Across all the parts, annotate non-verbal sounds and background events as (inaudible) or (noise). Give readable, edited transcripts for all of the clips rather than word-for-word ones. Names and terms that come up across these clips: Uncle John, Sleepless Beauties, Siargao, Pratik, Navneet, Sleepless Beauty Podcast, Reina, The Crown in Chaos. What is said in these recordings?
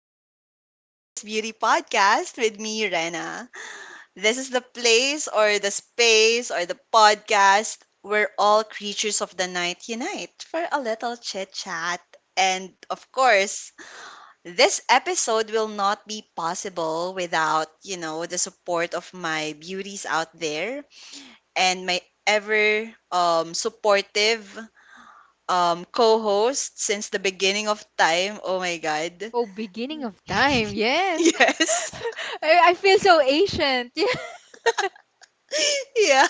back to the Sleepless Beauty Podcast with me, Rena. This is the place or the space or the podcast where all creatures of the night unite for a little chit chat. And of course, this episode will not be possible without, the support of my beauties out there and my ever supportive co host since the beginning of time. Oh my God. Oh, beginning of time. Yes. Yes. (laughs) I feel so ancient. (laughs) (laughs) Yeah.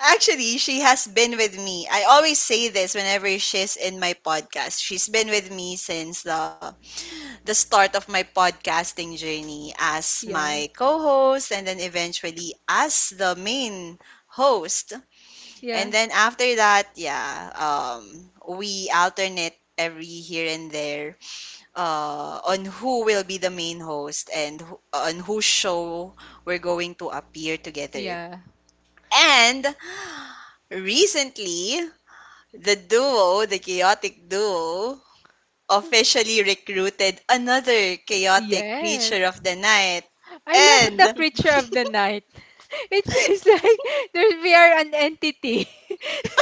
Actually, she has been with me. I always say this whenever she's in my podcast. She's been with me since the start of my podcasting journey as my Yeah. co-host and then eventually as the main host. And Yeah. then after that, yeah, we alternate every here and there on who will be the main host and who, on whose show we're going to appear together. Yeah. And recently, the duo, the chaotic duo, officially recruited another Yeah. chaotic creature Yes. of the night. I love And the no, creature of the night. (laughs) It feels like there's we are an entity. (laughs)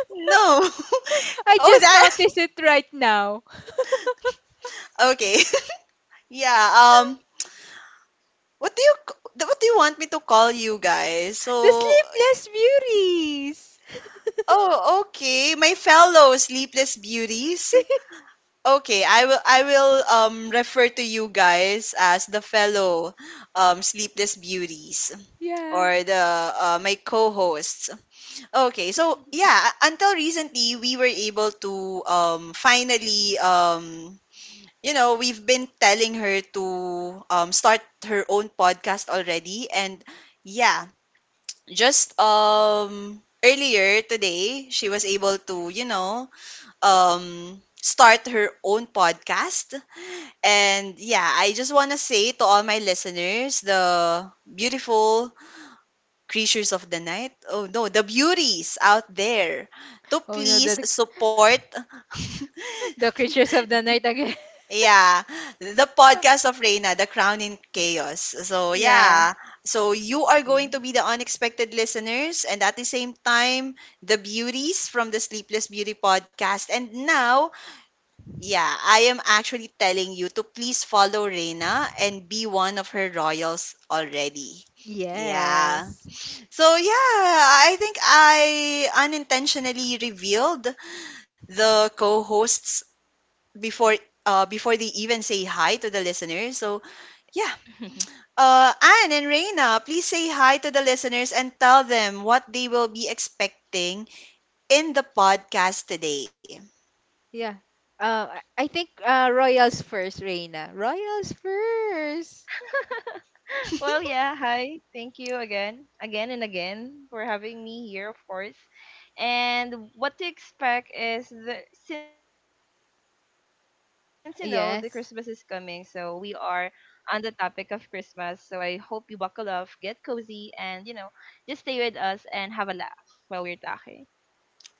(laughs) I oh just that noticed it right now. (laughs) okay. (laughs) Yeah, What do you want me to call you guys? The So, sleepless beauties. oh, okay, my fellow sleepless beauties. Okay, I will refer to you guys as the fellow sleepless beauties Yeah. or the my co-hosts. Okay, so yeah, until recently we were able to finally we've been telling her to start her own podcast already and yeah, just earlier today she was able to start her own podcast. And yeah, I just want to say to all my listeners, the beautiful creatures of the night, oh no, the beauties out there, to Oh no, please the support the (laughs) creatures of the night again. yeah, the podcast of Reina, The Crown in Chaos. So, (laughs) Yeah. yeah. So, you are going to Yeah. be the unexpected listeners and at the same time, the beauties from the Sleepless Beauty podcast. And now, yeah, I am actually telling you to please follow Reina and be one of her royals already. Yeah. Yes. So, yeah, I think I unintentionally revealed the co hosts before before they even say hi to the listeners. So yeah. (laughs) Anne and Reina, please say hi to the listeners and tell them what they will be expecting in the podcast today. Yeah. I think Royals first, Reina. Royals first. Well, yeah. Hi. Thank you again, again and again for having me here, of course. And what to expect is that since the Christmas is coming, so we are Yes. on the topic of Christmas. So I hope you buckle up, get cozy, and just stay with us and have a laugh while we're talking.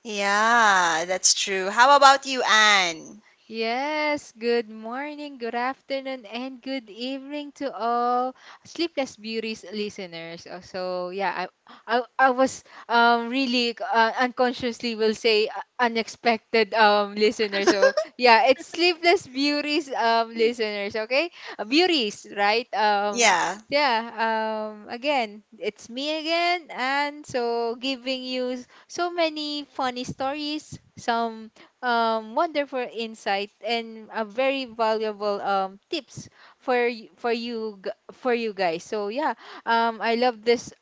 Yeah, that's true. How about you, Anne? Yes, good morning, good afternoon, and good evening to all Sleepless Beauties listeners. So I was really unconsciously will say unexpected listener. So, yeah, it's Sleepless Beauties listeners, okay? Beauties, right? Yeah. yeah, again, it's me again, and so giving you so many funny stories, some wonderful insight and a very valuable tips for y- for you g- for you guys. So yeah, I love this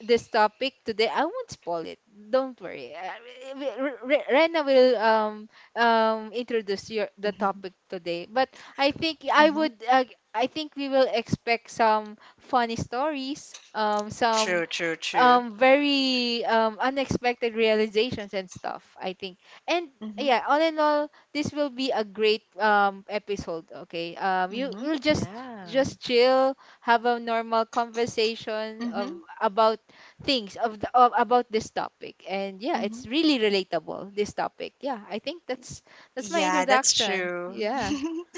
this topic today. I won't spoil it. Don't worry. Rena will introduce your the Mm-hmm. topic today. But I think I Mm-hmm. would uh, I think we will expect some funny stories, some True, true, true. Very unexpected realizations and stuff. I think. And Mm-hmm. yeah, all in all, this will be a great episode. Okay, um, you Mm-hmm. will Yeah. just chill, have a normal conversation Mm-hmm. of about things of, the, of about this topic. And yeah, it's really relatable, this topic. Yeah, I think that's my Yeah, that's introduction. true. Yeah. (laughs)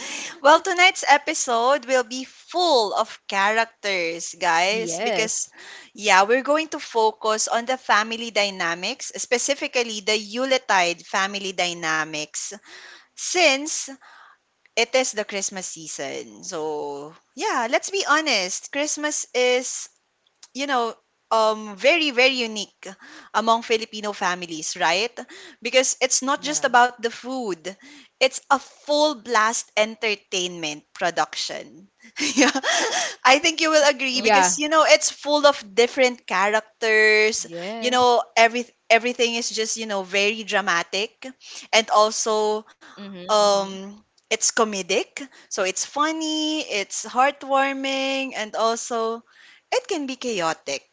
Well, tonight's episode will be full of characters, guys, because, Yes. yeah, we're going to focus on the family dynamics, specifically the Yuletide family dynamics, since it is the Christmas season. So, yeah, let's be honest. Christmas is, you know, very, very unique among Filipino families, right? Because it's not just Yeah. about the food, it's a full blast entertainment production. (laughs) Yeah, I think you will Of agree course. Yeah. because, you know, it's full of different characters. You Yes. know, everything is just, you know, very dramatic and Mhm. also Mhm. um it's comedic, so it's funny, it's heartwarming, and also it can be chaotic.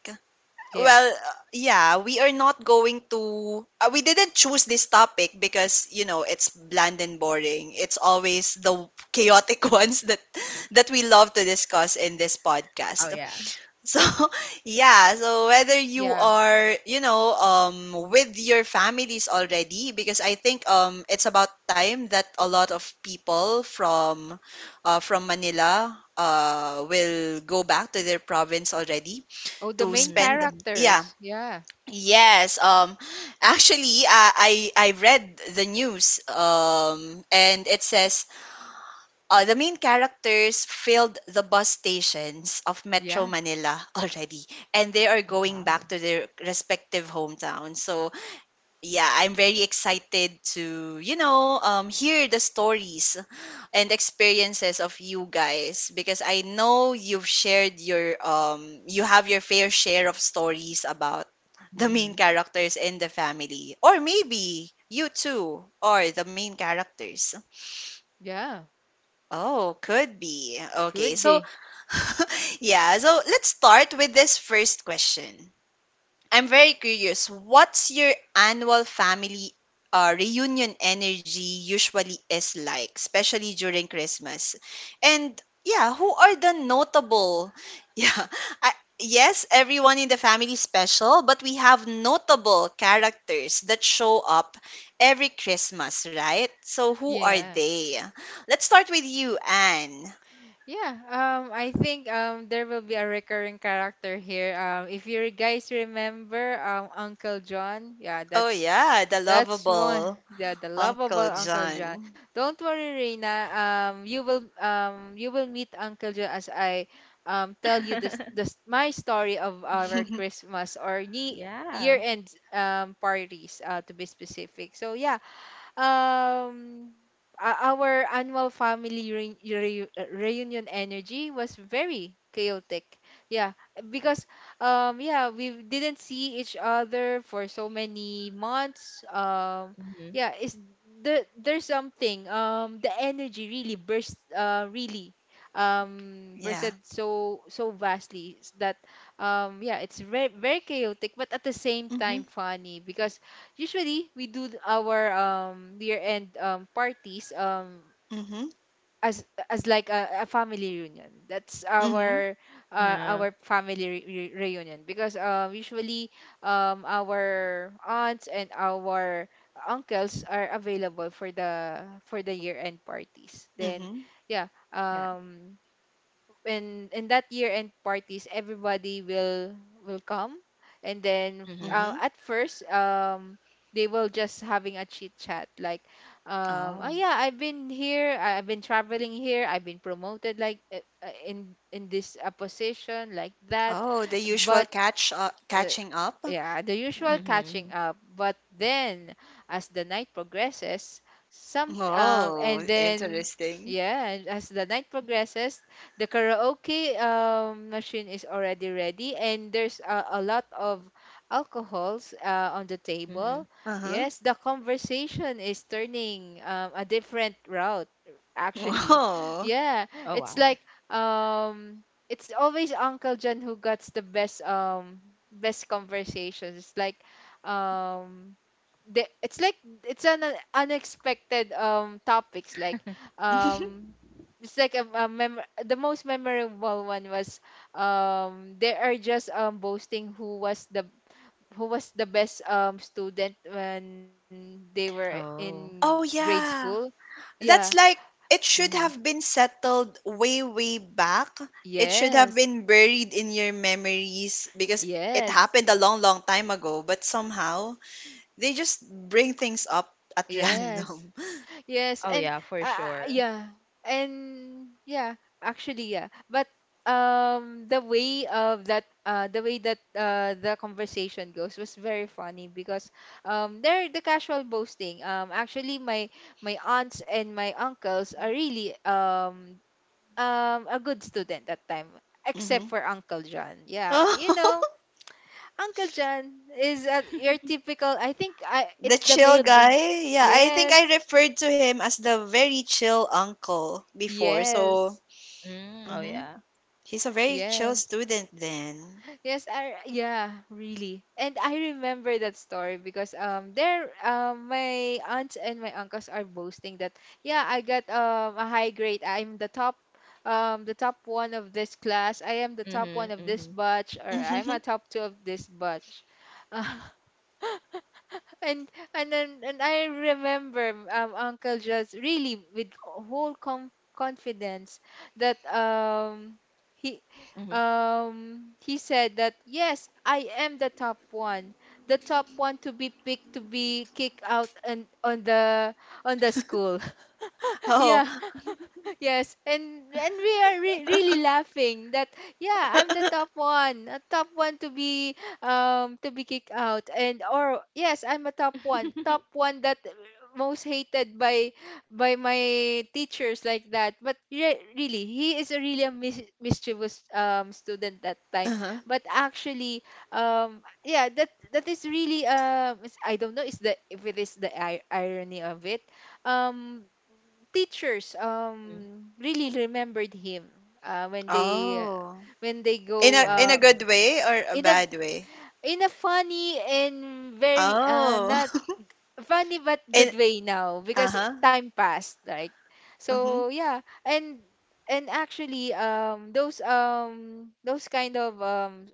Yeah. Well, yeah, we are not going to we didn't choose this topic because you know it's bland and boring. It's always the chaotic (laughs) ones that that we love to discuss in this Oh podcast. yeah. So, (laughs) yeah, so whether you Yeah. are, you know, with your families already, because I think it's about time that a lot of people from Manila will go back to their province already Oh, the to main Mhm. spend, Mhm. yeah. characters. Yeah. Yes, actually, I read the news and it says the main characters filled the bus stations of Metro Yeah. Manila (laughs) already, and they are Oh going wow. back to their respective hometowns. So, yeah, I'm very excited to, you know, hear the stories and experiences of you guys because I know you've shared your, you have your fair share of stories about the main Mhm. characters in the family, or maybe you too are the main characters. Yeah, Oh, could be. Okay, could so be. (laughs) yeah, so let's start with this first question. I'm very curious. What's your annual family reunion energy usually is like, especially during Christmas? And yeah, who are the notable? (laughs) Yeah, I, yes, everyone in the family is special, but we have notable characters that show up every Christmas, right? So who are Yeah. they? Let's start with you, Anne. Yeah, I think there will be a recurring character here. Um, if you guys remember Uncle John, yeah, Oh yeah, the that's lovable one. Yeah, the lovable Uncle Uncle John. John. Don't worry, Reina. You will meet Uncle John as I (laughs) tell you Mhm. this my story of our (laughs) Christmas or ye Yeah. year-end parties, uh, to be specific. So yeah, Um, our annual family reunion energy was very chaotic. Yeah, because yeah, we didn't see each other for so many months. Mhm. Yeah, it's there's something. Um, the energy really burst really Yeah. bursted so so that yeah, it's very very chaotic, but at the same time Mm-hmm. funny, because usually we our year-end parties Mhm. as as like a family reunion. That's Mhm. Uh-huh. our family reunion, because usually our aunts and our uncles are available for the year-end parties. Then Mhm. Yeah. yeah, in that year end parties, everybody will come. And then Mhm. Mhm. at first they will just having a chit chat like oh Oh, yeah, I've been here, I've been traveling here, I've been promoted like in this position, like that. oh, the usual But uh, catching up. yeah, the Mhm. usual Yeah. Mhm. catching up. But then, as the night progresses, some Oh, and then interesting. yeah, and as the night progresses, the karaoke machine is already ready, and there's a lot of alcohols on the Mhm. table. Uh-huh. Yes, the conversation is turning a different route, actually. Oh wow. Oh. Yeah, it's like um it's always Uncle John who gets the best best conversations. It's like um the it's like it's an unexpected topics, like um (laughs) it's like the most memorable one was they are just boasting who was the best student when they were Oh. in Oh grade school. yeah. Yeah. That's like Mhm. it should have been settled way, way back. It should have Yes. been buried in your memories because it Yes. happened a long, long time ago, but somehow they just bring things up at (laughs) Yes. random. Oh yeah, for Yes, and sure. Yeah, and yeah, actually, yeah. But the way of that, the way that the conversation goes was very funny, because they're the casual boasting. Actually, my my aunts and my uncles are really a good student that time, except Mhm. for Uncle John. Yeah, you Oh. know, (laughs) Uncle John is your (laughs) typical. I think I The it's the chill male. guy? Yeah, I think I Yes, referred to him as the very chill uncle before. So, yes. Mm, oh yeah. hmm, he's a very chill Yes. student then. Yes, I, yeah, really. And I remember that story because there my aunts and my uncles are boasting that yeah, I got a high grade. I'm the top one of this class. I am the Mhm. top one of Mhm. this batch, or I'm a (laughs) top two of this batch. (laughs) And then and I remember Uncle just really with whole com confidence that Mhm. He he said that yes, I am the top one, the top one to be picked to be kicked out, and on the school. (laughs) Oh, Yeah. Yes, and we are re really laughing that yeah, I'm the top one, a top one to be kicked out, and or yes, I'm a Mhm. (laughs) Top one that most hated by my teachers, like that. But re really, he is a really a mischievous student that time. uh-huh. But actually, yeah, that is really it's I don't know is the if it is the ir irony of it. Um, teachers really remembered him uh, when they uh, Oh. when they go oh. In a good way or a in a bad way? in a funny and very not Oh. funny but (laughs) In good way now, because it uh-huh. time passed, right? Mm-hmm. So yeah, and and actually those kind of um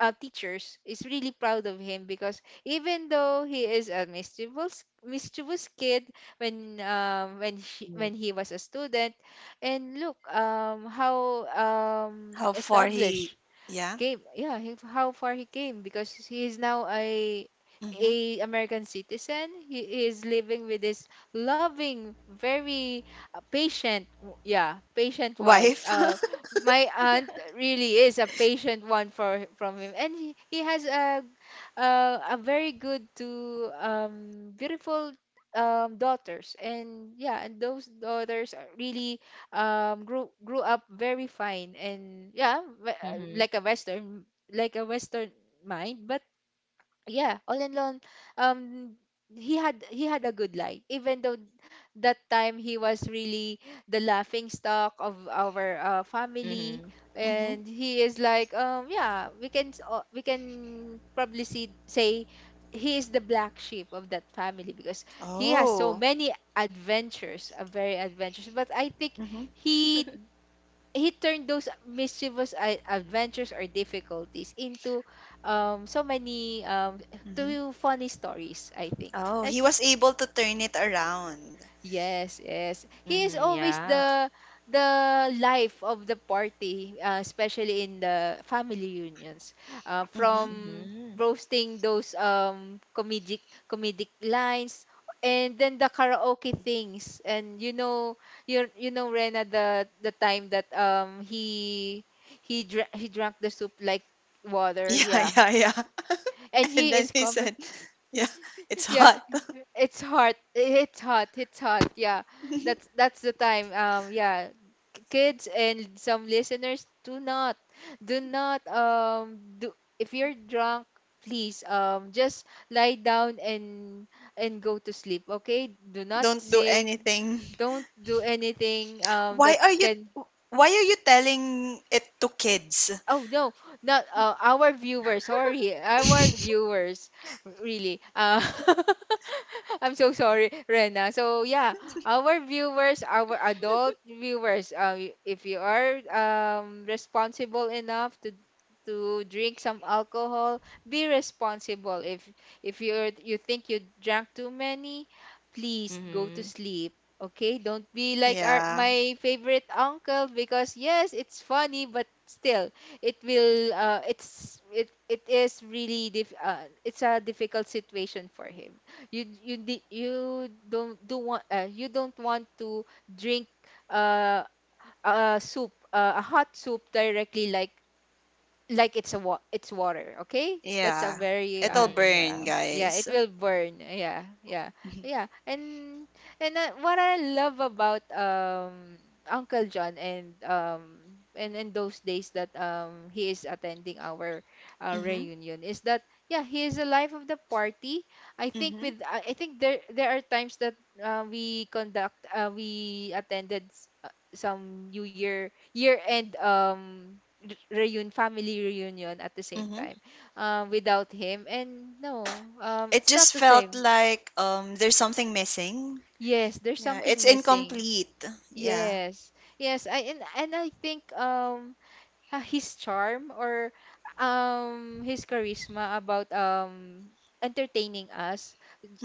uh, teachers is really proud of him, because even though he is a mischievous mischievous kid when Mm. When he was a student, and look how How far he established yeah. came. Yeah, he, how far he came, because he is now Mm-hmm. a American citizen. He is living with his loving very yeah, patient wife. Wife. Uh, (laughs) my aunt really is a patient one for from him, and he has a very good to beautiful daughters. And yeah, and those daughters are really grew up very fine. And yeah, we- Mhm. Like a western mind. But yeah, all in all, um, he had a good life. Even though that time he was really the laughing stock of our Mhm. family, Mm-hmm. and he is like, yeah, we can we can probably say he is the black sheep of that family, because he has so Oh. many adventures, very adventures. But I think Mm-hmm. he he turned those mischievous adventures or difficulties into so many Mm-hmm. two funny stories, I think. Oh, That he was able to turn it around. yes, mhm. (laughs) yes, he Yeah. is always the life of the party, especially in the family reunions. Mm-hmm. From Mhm. roasting those comedic comedic lines, and then the karaoke things. And you know, you know, Rena, the time that he drank the soup like (laughs) water, Yeah, yeah. yeah, yeah. (laughs) And And he then is he confident. said, "Yeah, it's (laughs) Yeah, hot. it's hot. It's hot. It's hot. Yeah. (laughs) That's the time. Yeah. Kids and some listeners, do not do not do if you're drunk, please just lie down and go to sleep, okay? Do not Don't do sing. anything. Don't do anything Why that are you can why are you telling it to kids?" Oh no, not our viewers. Sorry, our (laughs) viewers. Really, (laughs) I'm so sorry, Rena. So yeah, our viewers, our adult viewers. If you are responsible enough to drink some alcohol, be responsible. If you think you drank too many, please go to Mhm. sleep. Okay, don't be like our Yeah. my favorite uncle, because yes, it's funny, but still it will it's it it is really it's a difficult situation for him. You don't do want you don't want to drink uh, a hot soup directly, like it's a it's water, okay? That's a Yeah. very It'll Mhm. burn, Yeah. yeah, it guys. will burn. Yeah, yeah, Mhm. yeah. And what I love about Uncle John, and in those days that he is attending our Mhm. reunion, is that yeah, he is the life of the party. I think Mhm. with I think there are times that we attended some New Year year end reunion family reunion at the same Mhm. time without him. And no, It it's not just the felt same. like there's something missing. Yes, there's Yeah, something it's missing. incomplete. Yeah. Yes, yes. I and I think his charm or his charisma about entertaining us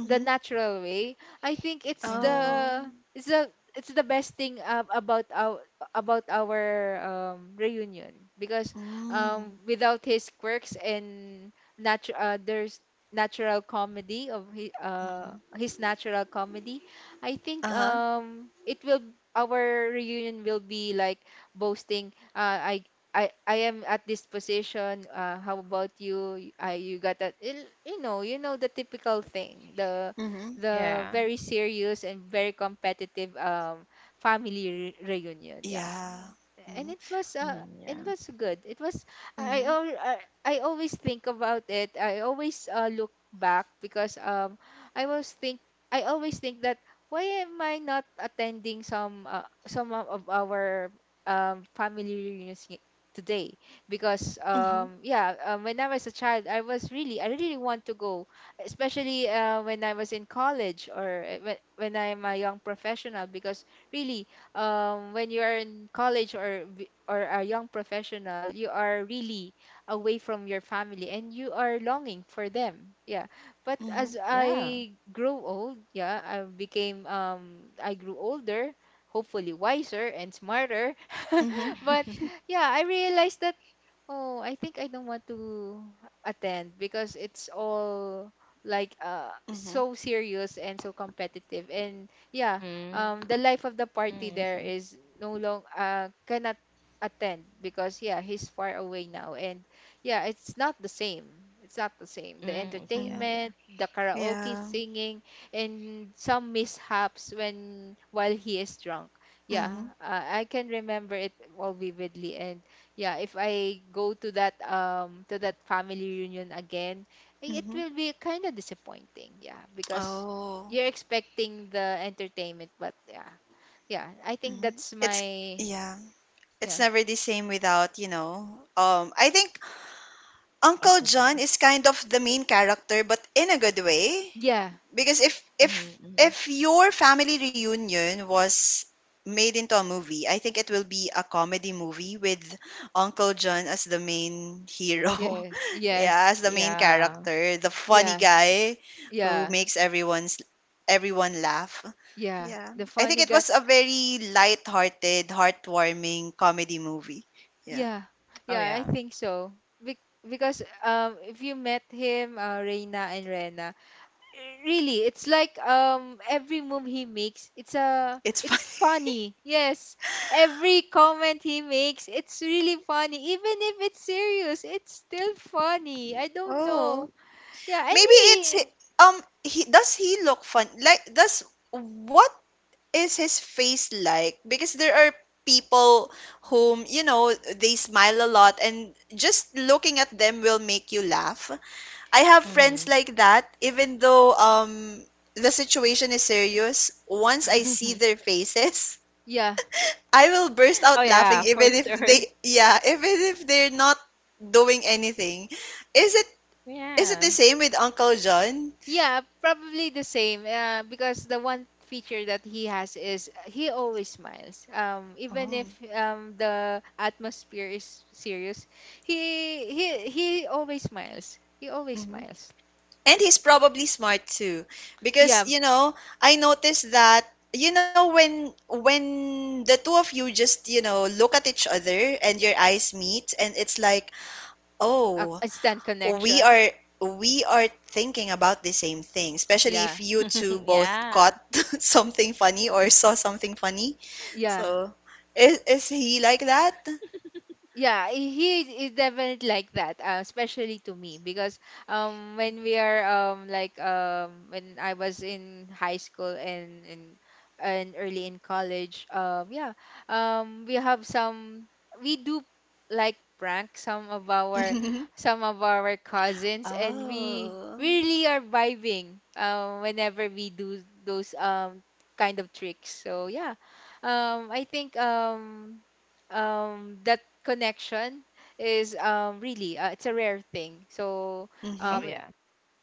the Mhm. natural way, I think it's Mhm. Oh. the it's the best thing about our reunion, because Mm. without his quirks and natu- there's natural comedy of Mhm. his natural comedy, I think Uh-huh. It will our reunion will be like boasting I am at this position. How about you? I you got that? You know the typical thing. Mhm. The Yeah. very serious and very competitive family re reunion. Yeah, Yeah. and Mm-hmm. it was Mhm. uh Yeah. it was good. It was I Mhm. al- I always think about it. I always look back because I was think I always think that, why am I not attending some of our family reunions today? Because Mhm. Yeah, when I was a child, I really want to go, especially when I was in college or when I'm a young professional, because really, when you are in college or a young professional, you are really away from your family and you are longing for them. Yeah. But Yeah. as Mhm. I grew old, yeah, I grew older, hopefully wiser and smarter. Mhm. (laughs) But (laughs) yeah, I realized that, oh, I think I don't want to attend because it's all like Mhm. so serious and so competitive. And yeah, mm, I the life see. of the party there is no long cannot attend because yeah, he's far away now. And yeah, it's not the same. It's not the same. The Mm, I see. Yeah. Mhm. Yeah. entertainment, the karaoke Yeah. singing, and some mishaps when while he is drunk. Yeah, Mhm. I can remember it all vividly. And yeah, if I go to that family reunion again, it Mhm. will be kind of disappointing. Yeah, because Oh. you're expecting the entertainment, but yeah, yeah. I think Mhm. that's It's my. yeah. It's Yeah, never the same without, you know. I think Uncle Jen. Uncle John is kind of the main character but in a good way. yeah, Because if Mhm. if Mhm. if your family reunion was made into a movie, I think it will be a comedy movie with Uncle John as the main hero. (laughs) yeah. Yeah, Yes, as the main Yeah. character, the funny yeah, guy who yeah, makes everyone laugh. yeah. Yeah. The I think funny it guy. was a very light-hearted, heartwarming comedy movie. Yeah. Yeah, Oh yeah. yeah. I think so. Bec because if you met him, Reina and Rena. Really, it's like every move he makes, it's a It's it's funny. (laughs) funny. Yes, every comment he makes, it's really funny, even if it's serious, it's still funny. I don't know. Oh, Yeah, and he, he look fun like does what is his face like? Because there are people whom, you know, they smile a lot and just looking at them will make you laugh. I have Mhm. friends like that, even though the situation is serious. Once I see (laughs) their faces, yeah. (laughs) oh I will yeah, burst for out laughing sure. even if they, yeah, even if they're not doing anything. Is it Yeah. is it the same with Uncle John? Yeah, probably the same, because the one feature that he has is he always smiles, even if Oh. The atmosphere is serious. He always smiles. He always smiles. And he's probably smart too, because Yeah, you know, I noticed that you know when the two of you just, you know, look at each other and your eyes meet and it's like, "Oh, instant we connection. are we are thinking about the same thing." Especially Yeah, if you (laughs) two both yeah. caught (laughs) something funny or saw something funny. yeah. So, is he like that? Yeah, he is definitely like that, especially to me, because when we are like when I was in high school and early in college, yeah, we have some, we do like prank some of our (laughs) some of our cousins, and we Oh. really are vibing whenever we do those kind of tricks. So yeah, I think that connection is really, it's a rare thing, so Oh Mhm. um yeah.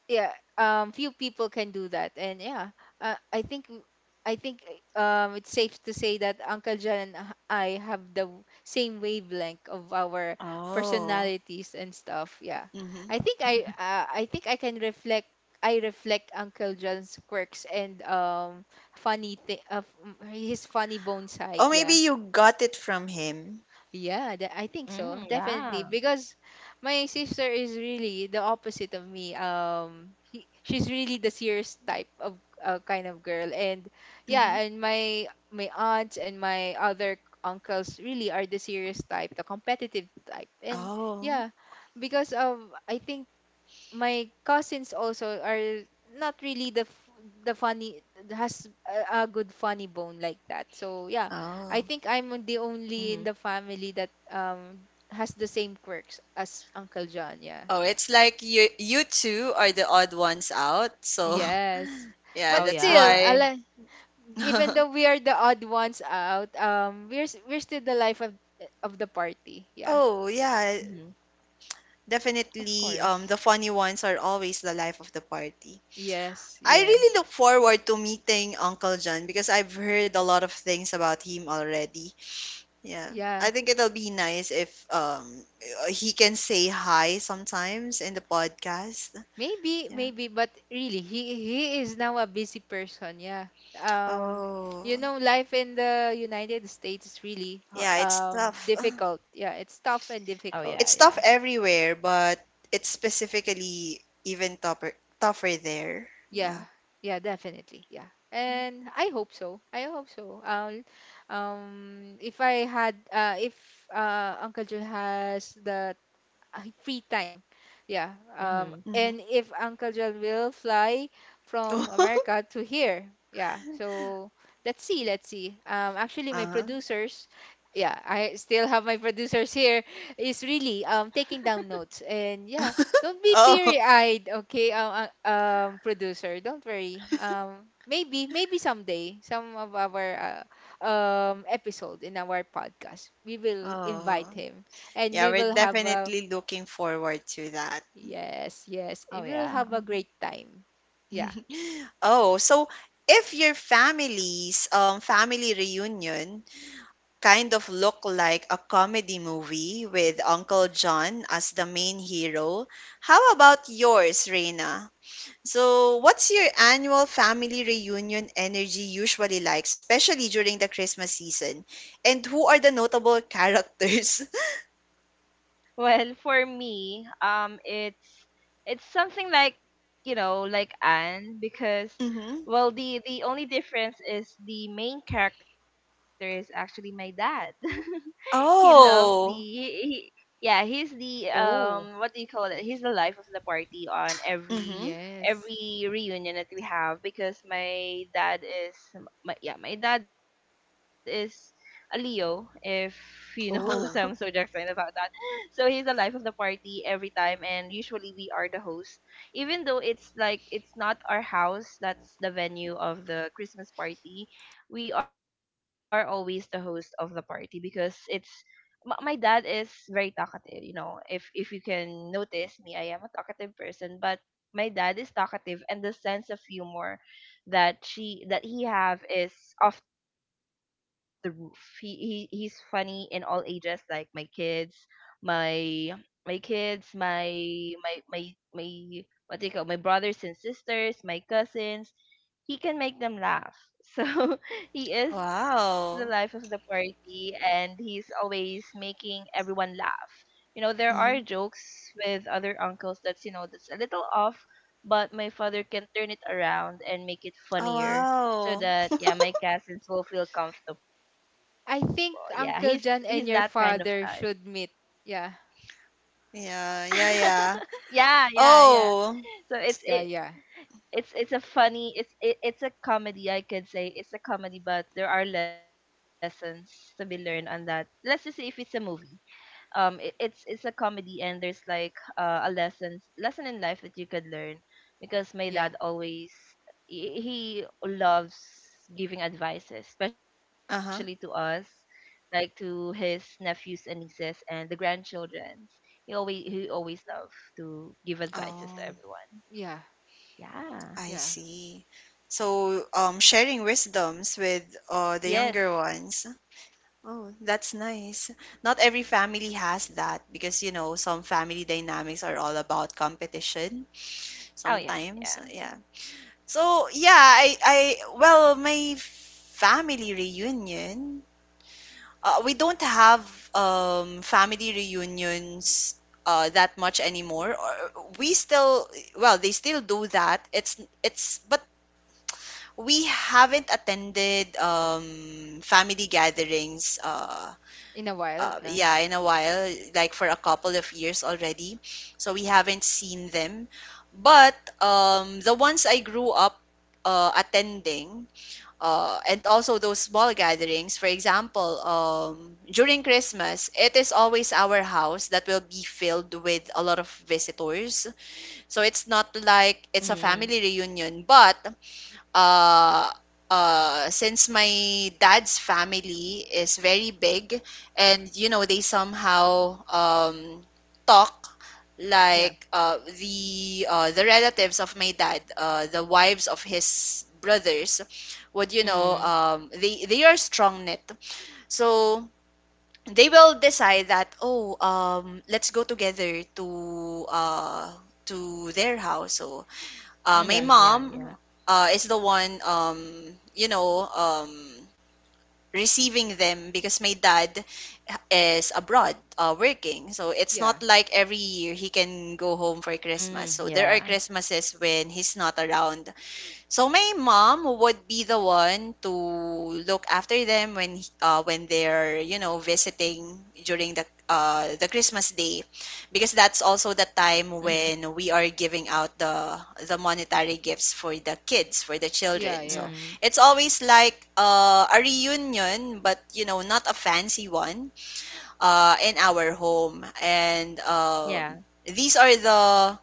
yeah, few people can do that. And yeah, uh, i think I think uh, it's safe to say that Uncle John and I have the same wavelength of our Oh. personalities and stuff. Yeah, Mhm. I think I can reflect. I reflect Uncle John's quirks and funny thing of his funny bone side. Oh, maybe Yeah, you got it from him. yeah, that, I Mm, think so. yeah. Definitely. Because my sister is really the opposite of me. She's really the serious type of kind of girl. And Hmm. yeah, and my aunts and my other uncles really are the serious type, the competitive type. And Oh, yeah, because of, I think my cousins also are not really the funny, has a good funny bone like that, so yeah, I oh, think I'm Mhm. the only in the family that has the same quirks as Uncle John. Yeah, oh! It's like you two are the odd ones out. So yes. (laughs) yeah, Oh But that's still, yeah. why. ala, even (laughs) though we are the odd ones out, we're still the life of the party. Yeah, Oh yeah, Mhm. Of definitely. course. The funny ones are always the life of the party. yes, I yeah, really look forward to meeting Uncle John because I've heard a lot of things about him already. Yeah, I yeah. think it'll be nice if he can say hi sometimes in the podcast. Maybe, Yeah. maybe, but really, he is now a busy person. Yeah. Um, Oh, life in the United States is really yeah, it's tough. (sighs) difficult. Yeah, it's tough and Oh yeah, difficult. It's yeah. tough everywhere, but it's specifically even tougher tougher there. Yeah, Yeah. yeah, definitely. Yeah, and I hope so. I hope so. If I had, if Uncle Joe has the free time. Yeah. Mhm. Mm-hmm. And if Uncle John will fly from America (laughs) to here. Yeah. So let's see, let's see. Actually, my Uh-huh. producers, yeah, I still have my producers here, is really taking down notes. And yeah, (laughs) don't be Oh, teary-eyed, okay, producer. Don't worry. Maybe, maybe, someday, some of our episode in our podcast, we will oh. invite him, and Yeah, we we're will have a. definitely looking forward to that. Yes, yes. Oh And we'll yeah. have a Mhm. great time. Yeah. (laughs) Oh, so if your family's family reunion kind of look like a comedy movie with Uncle John as the main hero. How about yours, Reina? So, what's your annual family reunion energy usually like, especially during the Christmas season? And who are the notable characters? Well, for me, it's something like, like Anne. Because (laughs) Mm-hmm. well, the only difference is the main character is actually my dad. (laughs) He, Oh. he yeah, he's the Oh, what do you call it, he's the life of the party on every Mm-hmm. yes. every reunion that we have. Because my dad is, my dad is a Leo, if you know (laughs) some zodiac sign Oh, about that. So he's the life of the party every time, and usually we are the host, even though it's, like, it's not our house that's the venue of the Christmas party. We are always the host of the party because my dad is very talkative. If you can notice me, I am a talkative person, but my dad is talkative, and the sense of humor that he have is off the roof. He's funny in all ages, like my kids, my, my kids my my my my what do you call, my brothers and sisters, my cousins, he can make them laugh. So (laughs) he is the life of the Wow. party, and he's always making everyone laugh. There are Mm-hmm. jokes with other uncles that's, that's a little off, but my father can turn it around and make it Oh, funnier, so wow. that, yeah, my cousins will feel comfortable. Yeah, he's I he's think that kind of Uncle type. John and your father should meet. Yeah, Yeah, (laughs) yeah, yeah, yeah. yeah, yeah. So Oh. Yeah, yeah, it's a comedy. I could say it's a comedy, but there are lessons to be learned on that. Let's just say if it's a movie, it's a comedy, and there's like, a lesson in life that you could learn, because my dad yeah, always, he loves giving advices, especially to us, Uh-huh. like to his nephews and nieces and the grandchildren. He always loves to give advices to Oh. everyone. yeah, Yeah I yeah, see. So, sharing wisdoms with the Yes. younger ones. Oh, that's nice. Not every family has that because, you know, some family dynamics are all about competition Oh yeah, sometimes. yeah. Yeah. So, yeah, well, my family reunion, we don't have family reunions that much anymore. We still, well, they still do that. But we haven't attended family gatherings In a while, yeah, yeah in a while, like for a couple of years already. So we haven't seen them. But the ones I grew up attending and also those small gatherings, for example, during Christmas, it is always our house that will be filled with a lot of visitors. So it's not like it's a Mhm. family reunion, but uh, since my dad's family is very big, and you know they somehow talk, yeah, like the relatives of my dad, the wives of his brothers would, you know, Mhm. They are strong knit. So they will decide that, oh, let's go together to their house. So my yeah, Mhm. Yeah, mom, yeah. Is the one, you know, receiving them because my dad is abroad, working. So it's not yeah, like every year he can go home for Christmas. Mhm. So there are Yeah. Christmases when he's not around. So my mom would be the one to look after them when they're, you know, visiting during the Christmas day, because that's also Mhm. the time when we are giving out the monetary gifts for the kids, for the yeah, children. So yeah, Mhm. it's always like a reunion, but you know, not a fancy one in Yeah. our home. And these are the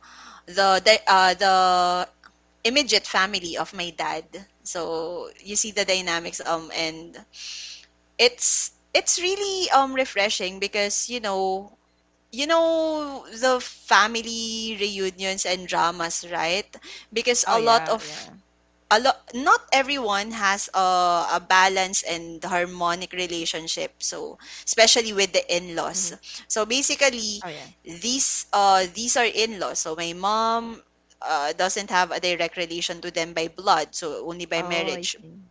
the the, uh, the immediate family of my dad. So you see the dynamics, and it's really refreshing because, you know, you know the family reunions and dramas, right? Because Oh a lot yeah, of, yeah. a lot not everyone has a balanced and harmonic relationship, so especially with the Mhm. in-laws. So Oh basically, yeah. These are in-laws, so my mom doesn't have a direct relation to them by blood, so only by Oh, I marriage. see.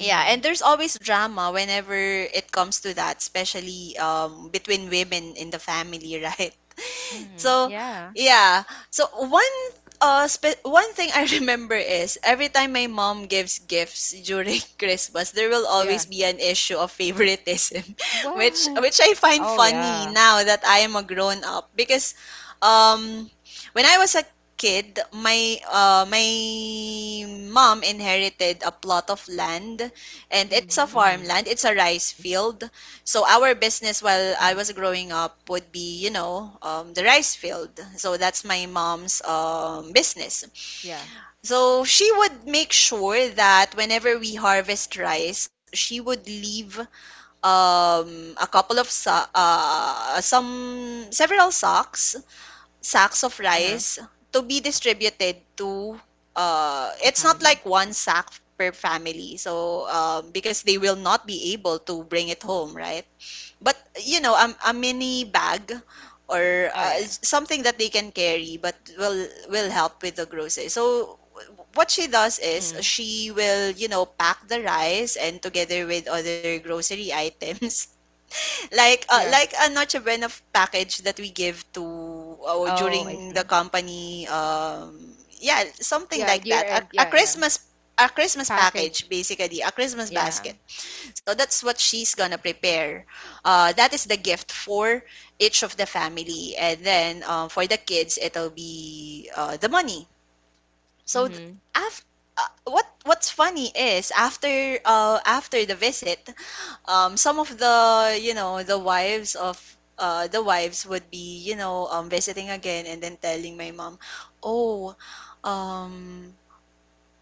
Yeah, and there's always drama whenever it comes to that, especially between women in the family, (laughs) right? Mhm. So, Yeah. yeah. So one one thing I (laughs) remember is every time my mom gives gifts during (laughs) Christmas, there will always yeah. be an issue of favoritism, (laughs) which Oh Why? which I find yeah. funny now that I am a grown up, because um when I was a kid, my mom inherited a plot of land, and it's a Mm-hmm. Mhm. farmland, it's a rice field. So our Mhm. business while I was growing up would be, you know, the rice field. So that's my mom's, business. Yeah, So she would make sure that whenever we harvest rice, she would leave, a couple of some several sacks of Uh-huh. rice to be distributed to. The It's not family. like one sack per family. So because they will not be able to bring it home, right? But Oh you yeah. know, a mini bag, or something that they can carry but will help with the groceries. So what she Mhm. does is she will, you know, pack the rice and together with other grocery items, (laughs) yeah, like a noche buena package that we give to Oh, I see. during the company, yeah, something yeah. like Year that, end, yeah, a yeah. Christmas, a Christmas package, Package, basically a Christmas Yeah. basket. So that's what she's gonna prepare. That is the gift for each of the family, and then for the kids, it'll be the money. So Mhm. after what's funny is after after the visit, some of the, you know, the wives of the wives would be, you know, visiting again and then telling my mom, oh, um,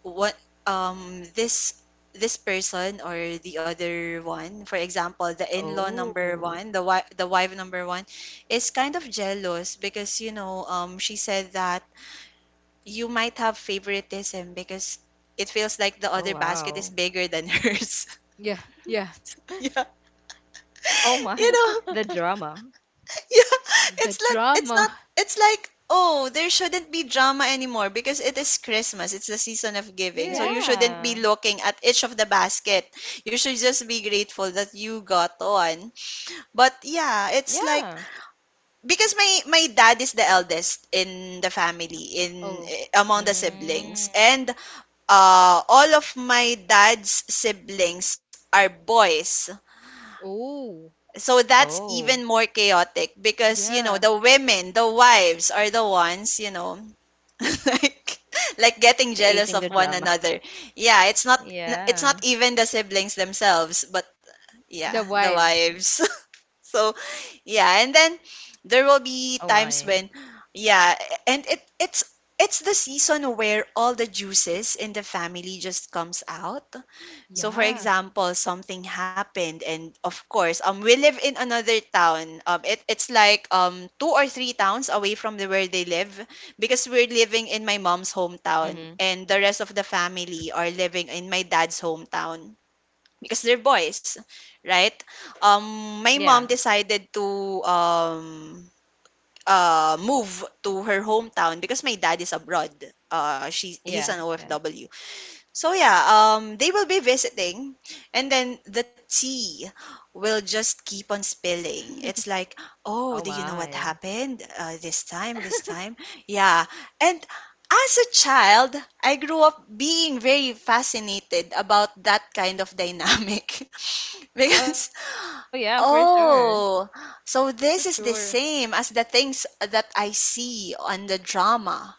what, this, person or the other one, for example, the Oh. in-law number one, the wife number one, is kind of jealous because, you know, she said that you might have favoritism because it feels like the Oh other basket wow. is bigger than hers. yeah, yeah. (laughs) Yeah. Oh my. (laughs) The (laughs) You drama. know. Yeah, (laughs) The it's not, drama. (laughs) it's like, oh, there shouldn't be drama anymore because it is Christmas. It's the season of giving. So you Yes. shouldn't be Yeah. looking at each of the basket. You should just be grateful that you got one. But yeah, Yeah. it's like, because my dad is the eldest in the family, Oh, among the Mm. siblings, and all of my dad's siblings are boys. oh, So Oh, that's even more chaotic because, you know, yeah. the women, the wives are the ones, you know, (laughs) like, getting jealous creating of the one drama. (laughs) another. Yeah, it's Yeah. not even the siblings themselves, but yeah, The the wives. wives. (laughs) So, yeah. Oh And then my. there will be times when, yeah, and it's the season where all the juices in the family just comes out. So for Yeah. example, something happened, and of course, we live in another town. It's like two or three towns away from the, where they live, because we're living Mm-hmm. in my mom's hometown and the rest of the family are living in my dad's hometown, because they're boys, right? Yeah. Um, my mom decided to um move to her hometown because my dad is abroad. Uh, she Yeah. he's an Yeah. OFW. So yeah, they will be visiting, and then the tea will just keep on (laughs) spilling. It's like, Oh oh, do you know what my. happened this time? This time, yeah. And as a child, I grew up being very fascinated about that kind of dynamic, (laughs) Oh because, yeah, for sure. oh, so For this is the sure. same as the things that I see on the drama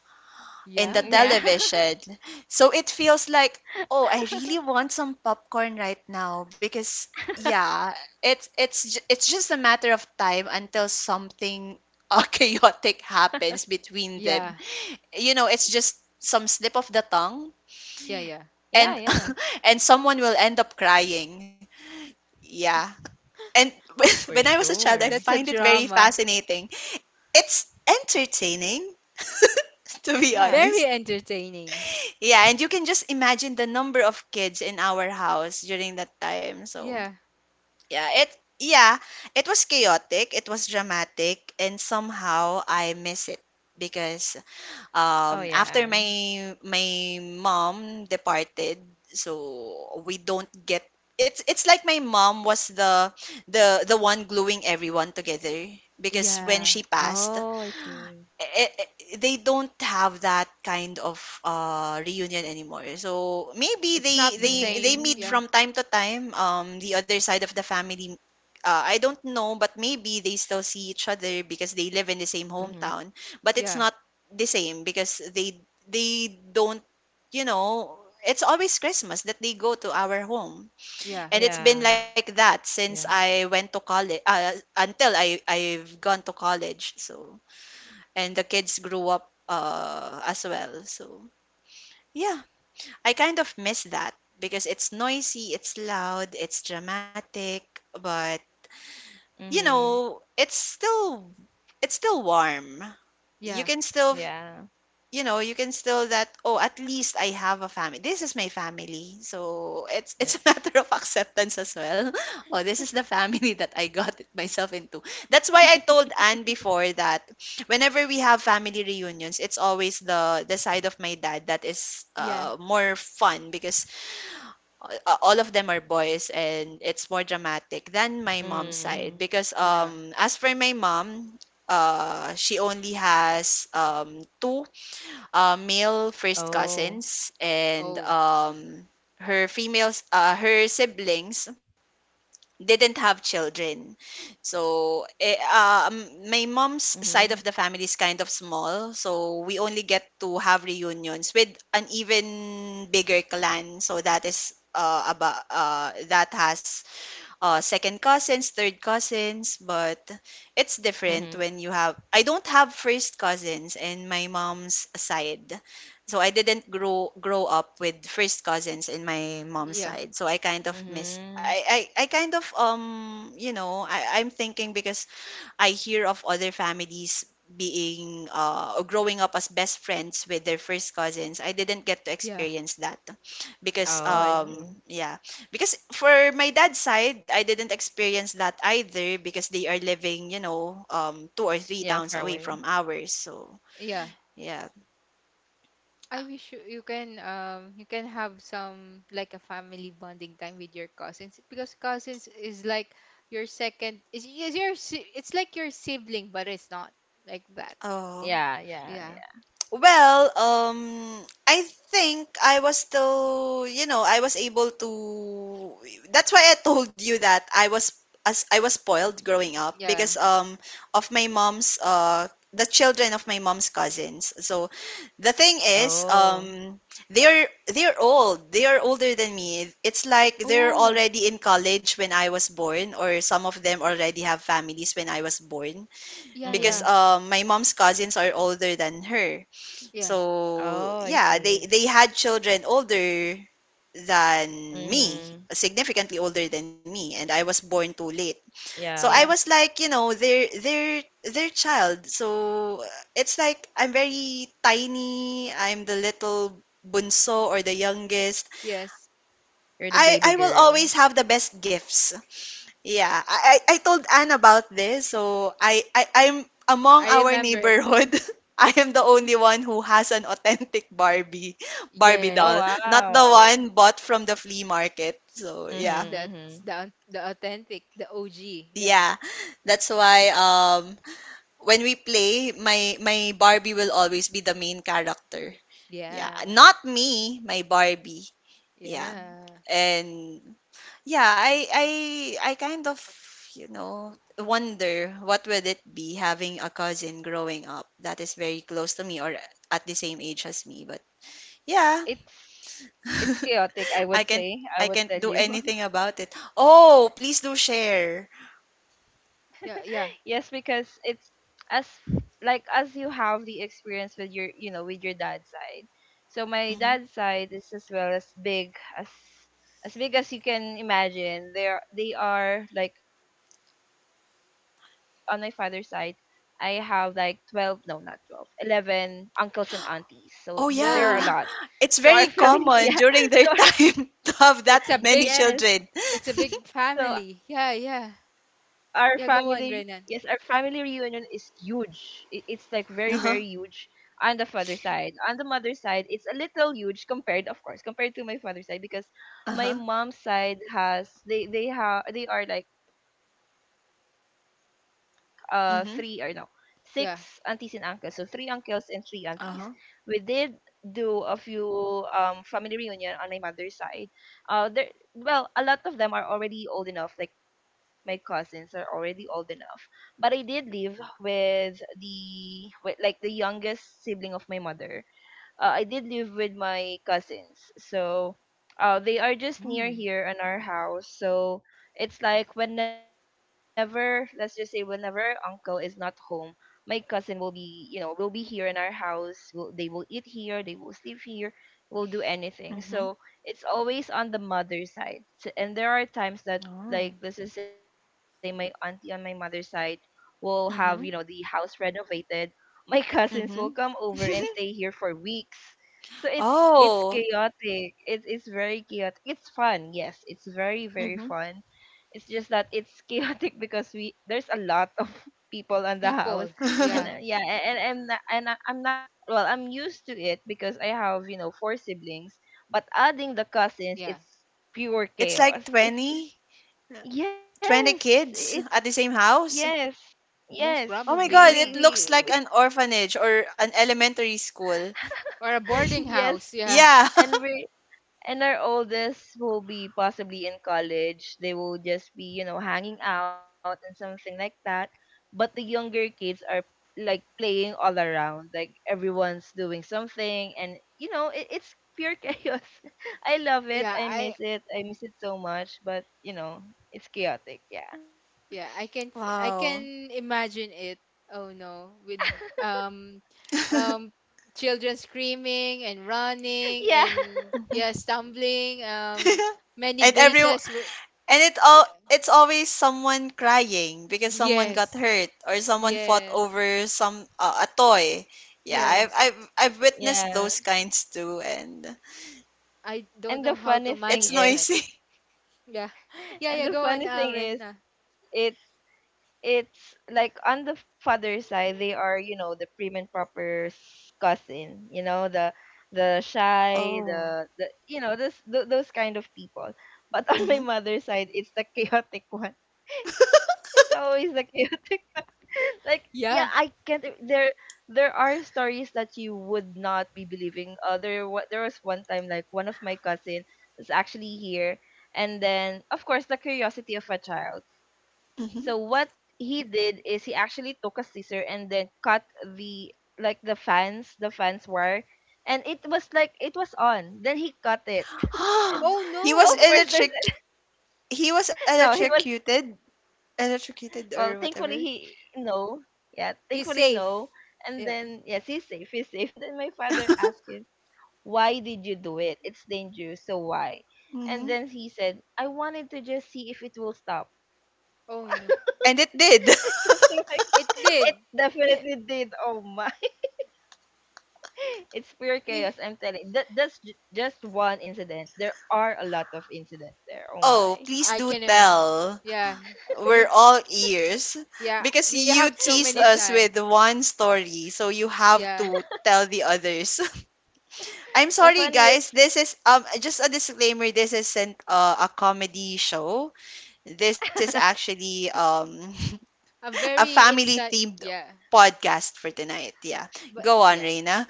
in the Yeah. Yeah. television. So it feels like, oh, I really want some popcorn right now, because yeah, (laughs) it's just a matter of time until something (laughs) chaotic happens between them. Yeah. You know, it's just some slip of the tongue, Yeah, yeah. Yeah, and yeah. (laughs) and someone will end up crying. Yeah. For And (laughs) sure. when I was a child, I That's find a it very drama. fascinating. It's entertaining, (laughs) to Yeah. be Very honest. entertaining. Yeah, and you can just imagine the number of kids in our house during that time. So, Yeah. yeah, it yeah, it was chaotic, it was dramatic, and somehow I miss it, because Oh after yeah. my mom departed, so we don't get, it's like my mom was the one gluing everyone together, because when Yeah. she passed, Oh, I see. eh, eh, eh, they don't have that kind of reunion anymore. So maybe It's they, not the they same. meet Mm. Yeah. from time to time. The other side of the family, I don't know, but maybe they still see each other because they live in the same Mm-hmm. hometown. But it's Yeah. not the same because they, don't, you know. It's always Christmas that they go to our home, Yeah. and it's been Yeah, like yeah. that since I went to college. Until I've gone to college, so, and the kids grew up as well. So yeah, I kind of miss that, because it's noisy, it's loud, it's dramatic, but Mm-hmm. you know, it's still warm. You Yeah. can still, Yeah. you know, you can still that, "Oh, at least I have a family. This is my family." So, it's a Yes. (laughs) matter of acceptance as well. (laughs) Oh, this is the family (laughs) that I got it myself into. That's why I (laughs) told Anne before that whenever we have family reunions, it's always the side of my dad that is Yeah. More fun, because all of them are boys, and it's more dramatic than my Mm-hmm. mom's side, because Yeah. As for my mom, she only has, two male first Oh. cousins, and Oh. Her females, her siblings didn't have children. So Mm-hmm. My mom's side of the family is kind of small, so we only get to have reunions with an even bigger clan. So that is about that has second cousins, third cousins, but Mm-hmm. it's different when you have. I don't have first cousins in my mom's side, so I didn't grow up with first cousins in my Yeah. mom's side. So I kind of missed. Mm-hmm. I kind of, you know, I'm thinking, because I hear of other families being or growing up as best friends with their first cousins. I didn't get to Yeah. experience that, because Oh, I Oh. See. yeah, because for my dad's side, I didn't experience that either, because they are living, you know, two Yeah, or far three towns away away. from ours. So Yeah. yeah. I wish you, you can have some like a family bonding time with your cousins, because cousins is like your second, is your it's like your sibling, but it's not like that. Uh, Yeah, yeah, Yeah. yeah. well, I think I was still, you know, I was able to. That's why I told you that I was as I was spoiled growing up, Yeah. because of my mom's, the children of my mom's cousins. So the thing is, Oh. They're old. They are older than me. It's like they're Oh. already in college when I was born, or some of them already have families when I was born, Mm-hmm. Yeah, because yeah, my mom's cousins are older than her. yeah, Oh, So I yeah, see. they had children older than me, Mm-hmm. significantly older than me, and I was born too late. Yeah. So I was yeah. like, you know, their child. So it's like I'm very tiny. I'm the little bunso, or the youngest. Yes, You're the baby I will always girl. have the best gifts. Yeah, I told Anne about this. So I'm among I our remember it. neighborhood. (laughs) I am the only (laughs) one who has an authentic Barbie Oh, doll, Yes, not the wow. one bought from the flea market. So Mm-hmm, yeah. that's mm-hmm. the authentic, the OG. Yeah, Yeah. That's why when we play, my Barbie will always be the main character. Yeah, yeah, not me, my Barbie. Yeah. yeah, And yeah, I kind of, wonder what would it be having a cousin growing up that is very close to me or at the same age as me. But yeah, It's it's chaotic, I (laughs) I would can't say. I I would can't tell do you. anything about it. Oh, please do share. Yes, yeah, yeah. because it's, as like as you have the experience with your you know with your dad's side. So my Mhm. dad's side is as well as big as you can imagine. They are like on my father's side. I have like 12, no, not 12 11 uncles and aunties. So there are a lot. Oh So our (laughs) yeah, Whoa, (laughs) family, it's yeah, very so our- common during their time (laughs) to have it's that a many big, yes. children. it's a (laughs) big So our family. Yeah, family, yeah, yes, our family yeah. Go reunion on, is Renan. huge. It's like very, very huge on the Uh-huh. father's side. On the mother's side, it's a little huge compared, of course, compared to my father's side, because my Uh-huh. mom's side has, they are like, three or, no, six aunties and uncles. So Mm-hmm. three uncles and three Yeah, aunties. We did do a Uh-huh. few family reunion on my mother's side, there, well, a lot of them are already old enough. Like my cousins are already old enough. But I did live with the with like the youngest sibling of my mother. I did live with my cousins. So they are just Hmm. near here in our house. So it's like, whenever, let's just say, whenever our uncle is not home, my cousin will be here in our house. Will They will eat here, they will sleep here, will do anything. Mm-hmm. So it's always on the mother's side. So, and there are times that, Oh. like, let's just say, my auntie on my mother's side will have, the Mm-hmm. house renovated, my cousins will Mm-hmm. come over and (laughs) stay here for weeks. So it's Oh. chaotic. It's very chaotic. It's fun, yes. It's very, very Mm-hmm. fun. It's just that it's (laughs) chaotic because we there's a lot of (laughs) people on the house, people. and Yeah, (laughs) yeah, and I'm not- and I'm not. Well, I'm used to it because I have four siblings, but adding the yeah. cousins, it's pure It's like chaos. It's 20, Yes. 20 It kids at the same house. Yes, yes. Most Oh We my probably, god, yeah. it we looks we like an orphanage or an elementary school. Or a (laughs) boarding yes, house. Yeah, Yeah. (laughs) and we and our oldest will be possibly in college. They will just be, hanging out and something like that. But the younger kids are like playing all around. Like everyone's doing something, and, it's pure (laughs) chaos. I love yeah. it. I I miss it. I miss it so much, but, it's chaotic. Yeah. (laughs) Yeah, I Wow. can imagine it. Oh no, with um um (laughs) children screaming and running and Yeah. Mm-hmm. yeah, stumbling. Many and everyone vases were. and it y- all it's always someone crying because someone got yes, hurt or someone fought yes, over some a toy. Yeah, I've yes. I've I've witnessed Yeah. those kinds too. And I don't And the know how to funny thing it's manage is, that. noisy. (laughs) Yeah, (gasps) (laughs) yeah, yeah. and Go the on, funny thing Rena. is, it it's like on the father's side, they are, the prim and proper, cousin, the shy, Oh. the, those kind of people. But (laughs) on my Hmm. mother's side, it's the chaotic one. (laughs) It's always the chaotic, like, yeah, I Yeah. can't I- there are stories that you would not be believing. There was one time, like, one of my cousin was actually here, and then, of course, the curiosity of a child. So what Mm-hmm. he did is he actually took a scissor, and then cut the like the fans wire, and it was like, it was on, then he cut it. (laughs) (gasps) And Oh He so was no, of course there's electric. He was no, he was, electrocuted, well, electrocuted thankfully, or he, whatever. no. Yeah, thankfully, he's no. safe. And Yeah. then yes, he's safe, he's safe. (laughs) And then my father asked (laughs) him, "Why did you do it? It's dangerous, so why?" And Mm-hmm. then he said, "I wanted to just see if it will stop." (laughs) Oh no, And it Or did. something like it it. did. (laughs) Definitely Yeah, did. Oh my. (laughs) It's pure yeah. chaos, I'm telling. That's just one incident. There are a lot of incidents there. Oh Oh, my. please I do can imagine. tell. Yeah, We're dude. all ears Yeah, because we (laughs) you The have fu- so teased many us time. with one story, so you have Yeah, to tell the others. (laughs) I'm the sorry, guys. funniest. This is just a disclaimer. This isn't a comedy show. This is (laughs) actually I'm (laughs) a very family inside. themed Yeah, podcast for tonight. Yeah. but Go on, yeah. Reina.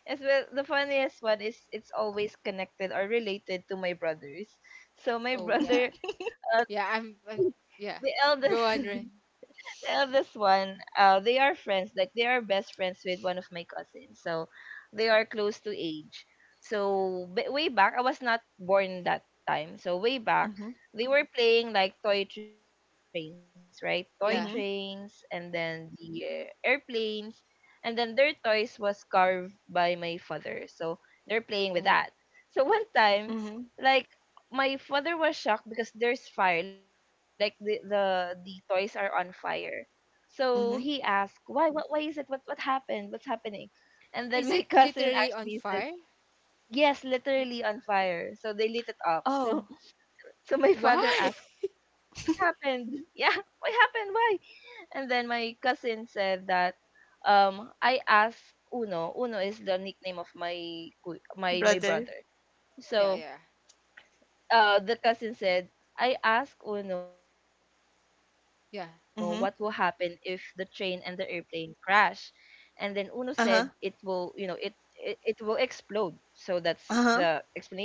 As well, the funniest one is, it's always connected or related to my brothers. So my Oh yeah, brother, (laughs) uh, yeah. I'm, I (laughs) the Yeah. eldest, Go on, Ren. (laughs) This one, they are friends. Like they are best friends with one of my cousins. So they are close to age. So way back, I was not born that time. So way back, Mhm. they were playing like toy trains, right? Toy trains, and Yeah. Mhm. then the, airplanes, and then their toys was carved by my father. So they're playing with that. Oh, So (laughs) one time, Mhm. like, my father was shocked because there's fire. Like, the toys are on fire. So he asked, Mhm. "Why? What? Why is it? What? What happened? What's happening?" And then my (laughs) is it cousin literally actually on said, fire? "Yes, literally on fire." So they lit it up. (laughs) So, Oh, my father Why? (laughs) asked, "What happened? (laughs) Yeah, (laughs) what happened? Why?" And then my cousin said that, "I asked Uno." Uno is the nickname of my, my brother. brother. yeah, So, yeah, the cousin said, "I asked Uno what will happen if the train yeah. and the Mhm. airplane crash." And then Uno said, "it will, it Uh-huh. it, it will explode." So that's the Uh-huh. explanation, right?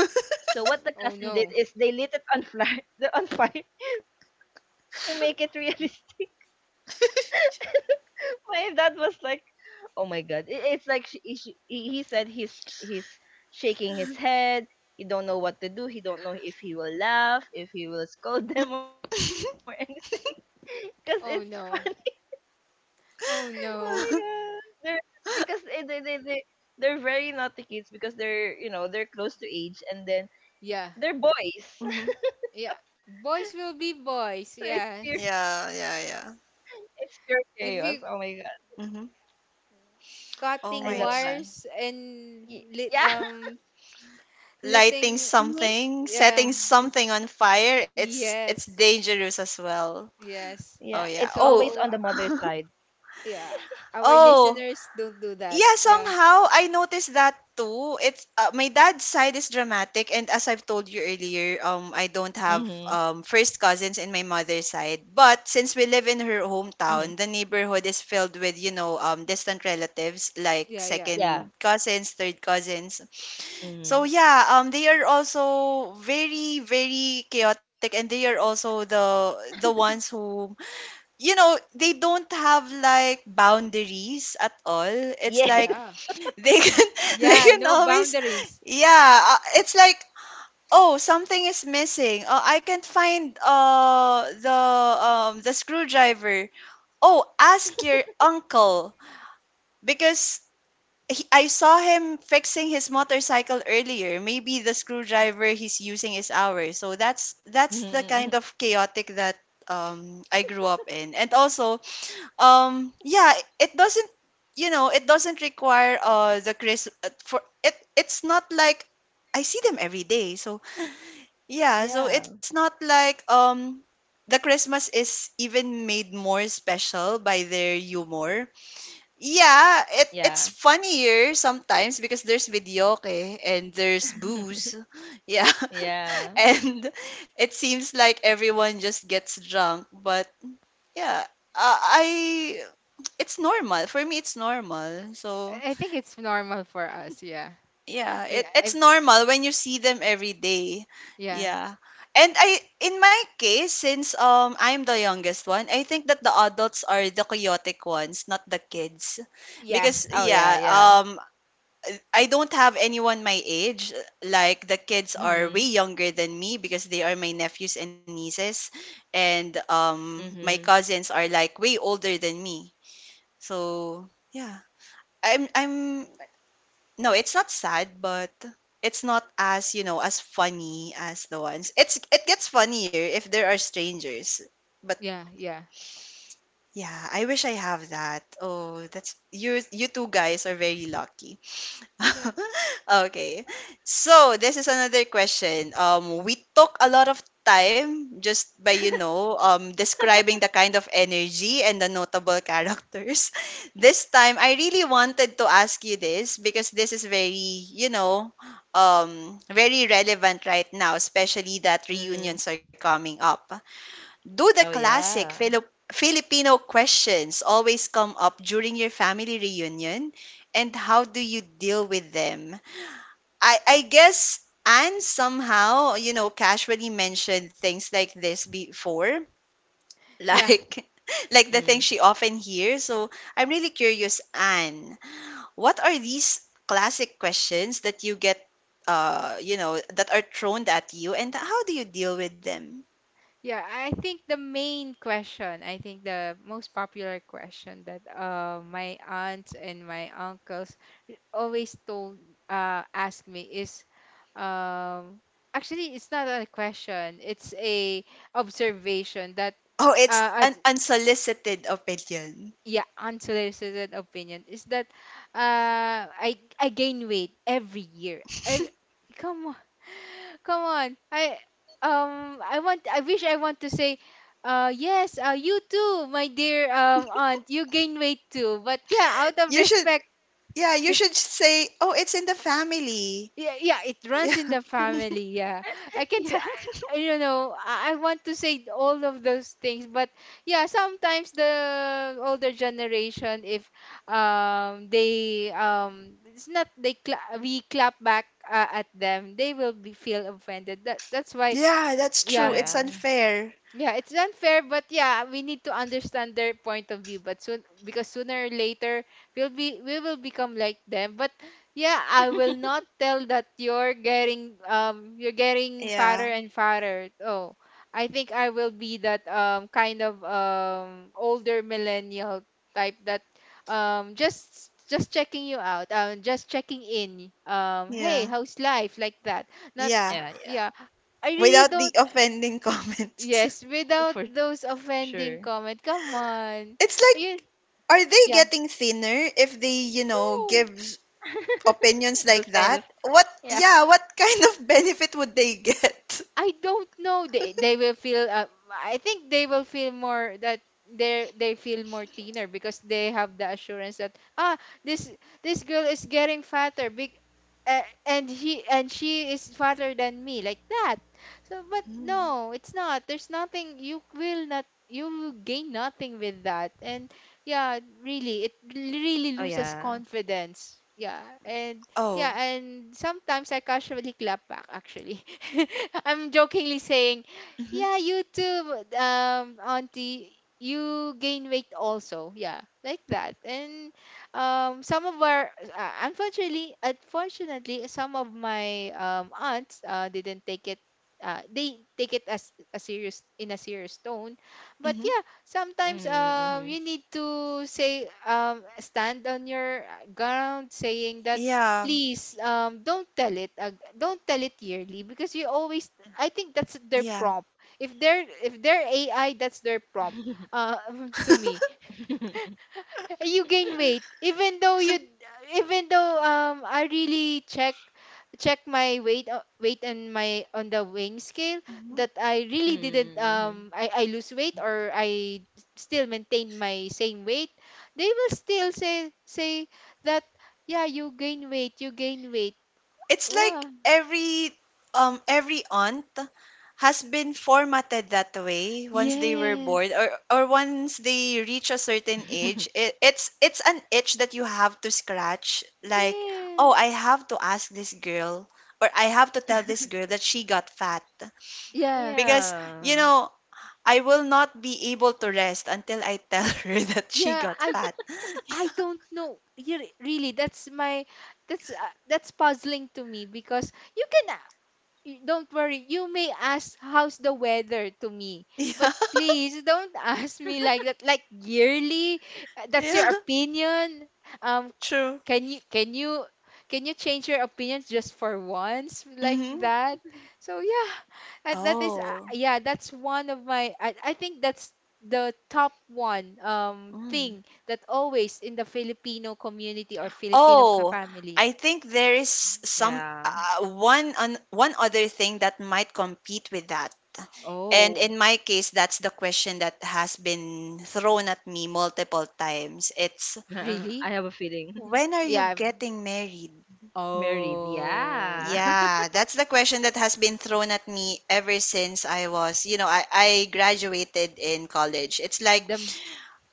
So what the cousin did Oh is no. they lit it on fire, (laughs) on fire (laughs) to make it realistic. Y- (laughs) My dad was like, "Oh my god." It's like, she, he said he's shaking his head. He don't know what to do. He don't know if he will laugh, if he will (laughs) scold them, or anything. (laughs) Because it's funny. (laughs) Oh no. Oh Oh no. my god. Because they they they they they're very naughty kids because they're they're close to age and then Yeah, they're boys. Mhm. yeah. Boys (laughs) So will be boys. Yes. Yeah, yeah, yeah. it's pure chaos. Oh If my you god. Mhm. I Oh love cutting my that. G. wires and Y- Yeah. (laughs) Lighting litting. Me, something, setting Yeah. I'm- something on fire, it's Yes. dangerous as well. yeah. It's Yes. Oh always yeah. on the Oh. So, mother side. (laughs) yeah, our Oh. listeners don't do that. Yeah, Yeah. somehow I noticed that too. It's My dad's side is dramatic, and as I've told you earlier, I don't have Mhm. First cousins in my mother's side. But since we live in her Mhm. hometown, the neighborhood is filled with, distant relatives like Yeah, yeah. Yeah. second cousins, third cousins. So Mhm. yeah, they are also very very chaotic, and they are also the ones who, they don't have like boundaries at all. Yes. It's like Yeah. (laughs) they can (laughs) they Yeah, can no always, boundaries. yeah, it's like, oh, something is missing. Oh, I can't find the screwdriver. Oh, ask your uncle because I saw him fixing his motorcycle earlier. Maybe the screwdriver he's using is ours. So that's Mhm, the kind mhm. of chaotic that I grew up in. And also, yeah, it doesn't, it doesn't require the crisp, for it, it's not like I see them every day. So yeah, so Yeah. it's not like the Christmas is even made more special by their humor. Yeah, Yeah. it's funnier sometimes because there's videoke and there's booze. (laughs) (laughs) Yeah. Yeah. (laughs) And it seems like everyone just gets drunk. But yeah, I it's normal. For me, it's normal. So, I think it's normal for us, yeah. yeah, We, it's I, normal when you see them every day. yeah. Yeah. And I, in my case, since I'm the youngest one, I think that the adults are the chaotic ones, not the kids. Yeah. Because Oh, yeah, yeah, yeah. I don't have anyone my age. Like the kids are way Mhm. younger than me because they are my nephews and nieces, and Mhm. My cousins are like way older than me. So, yeah. I'm No, it's not sad, but it's not as, as funny as the ones. It gets funnier if there are strangers. But Yeah, yeah. yeah, I wish I have that. Oh, that's you you two guys are very lucky. Yeah. (laughs) Okay. So, this is another question. We took a lot of time just by, (laughs) describing the kind of energy and the notable characters. (laughs) This time, I really wanted to ask you this because this is very, very relevant right now, especially that Mhm. reunions are coming up. Oh, Do the yeah. classic Filipino questions always come up during your family reunion? And how do you deal with them? I guess Anne somehow, casually mentioned things like this before. (laughs) Yeah. Like, Mhm. The thing she often hears. So I'm really curious, Anne, what are these classic questions that you get, that are thrown at you, and how do you deal with them? Yeah, I think the main question, I think the most popular question that my aunts and my uncles always told ask me is, um actually, it's not a question, it's a observation that Oh, it's an as, unsolicited opinion. yeah, unsolicited opinion, is that I gain weight every year. I, (laughs) come on. (laughs) Come on. I wish, I want to say, yes, you too, my dear aunt, you gain weight too, but yeah, out of You should, respect. yeah, you should (laughs) say, oh, it's in the family. Yeah, yeah, it Yeah, runs in the family. Yeah, (laughs) I can. Yeah. I (laughs) don't know. I want to say all of those things, but yeah, sometimes the older generation, if they it's not, they cla we clap back at them, they will be feel offended. That's why, yeah, that's Oh, true. yeah, It's yeah. unfair. yeah, it's unfair, but yeah, we need to understand their point of view. But soon, because sooner or later, we will become like them. But yeah, I will (laughs) not tell that you're getting fatter Yeah, and fatter. Oh, I think I will be that kind of older millennial type that just checking you out, just checking in. Hey, yeah, how's life? Like that. Not, yeah. Yeah, yeah. yeah. I really Without the don't. offending (laughs) comments. Yes, without For those sure. offending comment. Come on. It's Ayun, like, are they yeah. getting thinner if they, No. give opinions (laughs) like Those kind of that? What, yeah. yeah, what (laughs) kind of benefit would they get? (laughs) I don't know. They will feel. I think they will feel more that they feel more thinner, because they have the assurance that ah, this this girl is getting fatter. Big, and he and she is fatter than me, like that. So, but Mm. no, it's not. There's nothing. You will not. You will gain nothing with that. And Oh, yeah, yeah. really, it really loses confidence. Yeah, and yeah, Oh. and sometimes I casually clap back, actually. (laughs) I'm jokingly saying, Hmm. "Yeah, you too, auntie, you gain weight also." Yeah, like that. And some of our, unfortunately, some of my aunts didn't take it, they take it as a serious in a serious tone. But Hmm. yeah, sometimes Mhm, you need to say, stand on your ground, saying that, Yeah. please, don't tell it yearly, because you always, I think that's their Yeah. prompt. If they're AI, mhm. that's their prompt, uh (laughs) to me, (laughs) (laughs) you gain weight. Even though you even though, I really check my weight, weight and my on the weighing scale, that I really didn't, Mm, mhm. I lose weight, or I still maintain my same weight, they will still say that, yeah, you gain weight, you gain weight. It's like Wow. every aunt has been formatted that way once they were born, Yes. Or once they reach a certain (laughs) age. It's an itch that you have to scratch. Like, oh, I Yes. have to ask this girl or I have to tell this girl that she got fat Yeah. because, you Yeah. know I will not be able to rest until I tell (laughs) her that she Yeah, got I fat. (laughs) I Yeah. don't know. You really, that's my that's uh, that's puzzling to me, because you can, don't worry. You may ask how's the weather to me, Yeah, but please don't (laughs) ask me like that like yearly. (laughs) That's yeah, your opinion. Um true. can you can you change your opinion just for once like Mm-hmm. that so yeah, that is Oh. yeah, that's one of my I think that's the top one Mm. thing that always in the Filipino community or Filipino ca- Oh, family. I think there is some, Yeah. One on one other thing that might compete with that. And Oh, in my case, that's the question that has been thrown at me multiple times. (laughs) I It's: have a really? feeling. (laughs) when are you Yeah. Getting married? Married, yeah. Oh. (laughs) Yeah, that's the question that has been thrown at me ever since I was, you know, I graduated in college. It's like The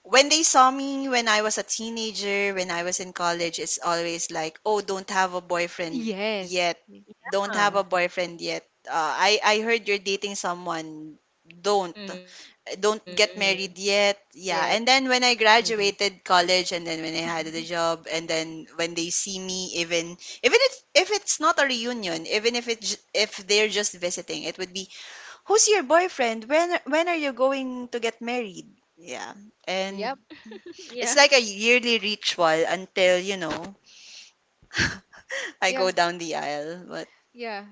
when they saw me when I was a teenager, when I was in college, it's always like, oh, don't have a boyfriend yes. yet. Y- Don't have Yeah. a boyfriend yet. I heard you're dating someone. Don't. Mm-hmm. Don't get married yet. Yeah. yeah. And then when I Mm-hmm. graduated college, and then when I had the job, and then when they see me, even if it's not a reunion, even if if they're just visiting, it would be: who's your boyfriend? When are you going to get married? Yeah. And Yep. Yeah. it's like a yearly ritual until, (laughs) I go Yeah. down the aisle. But Yeah,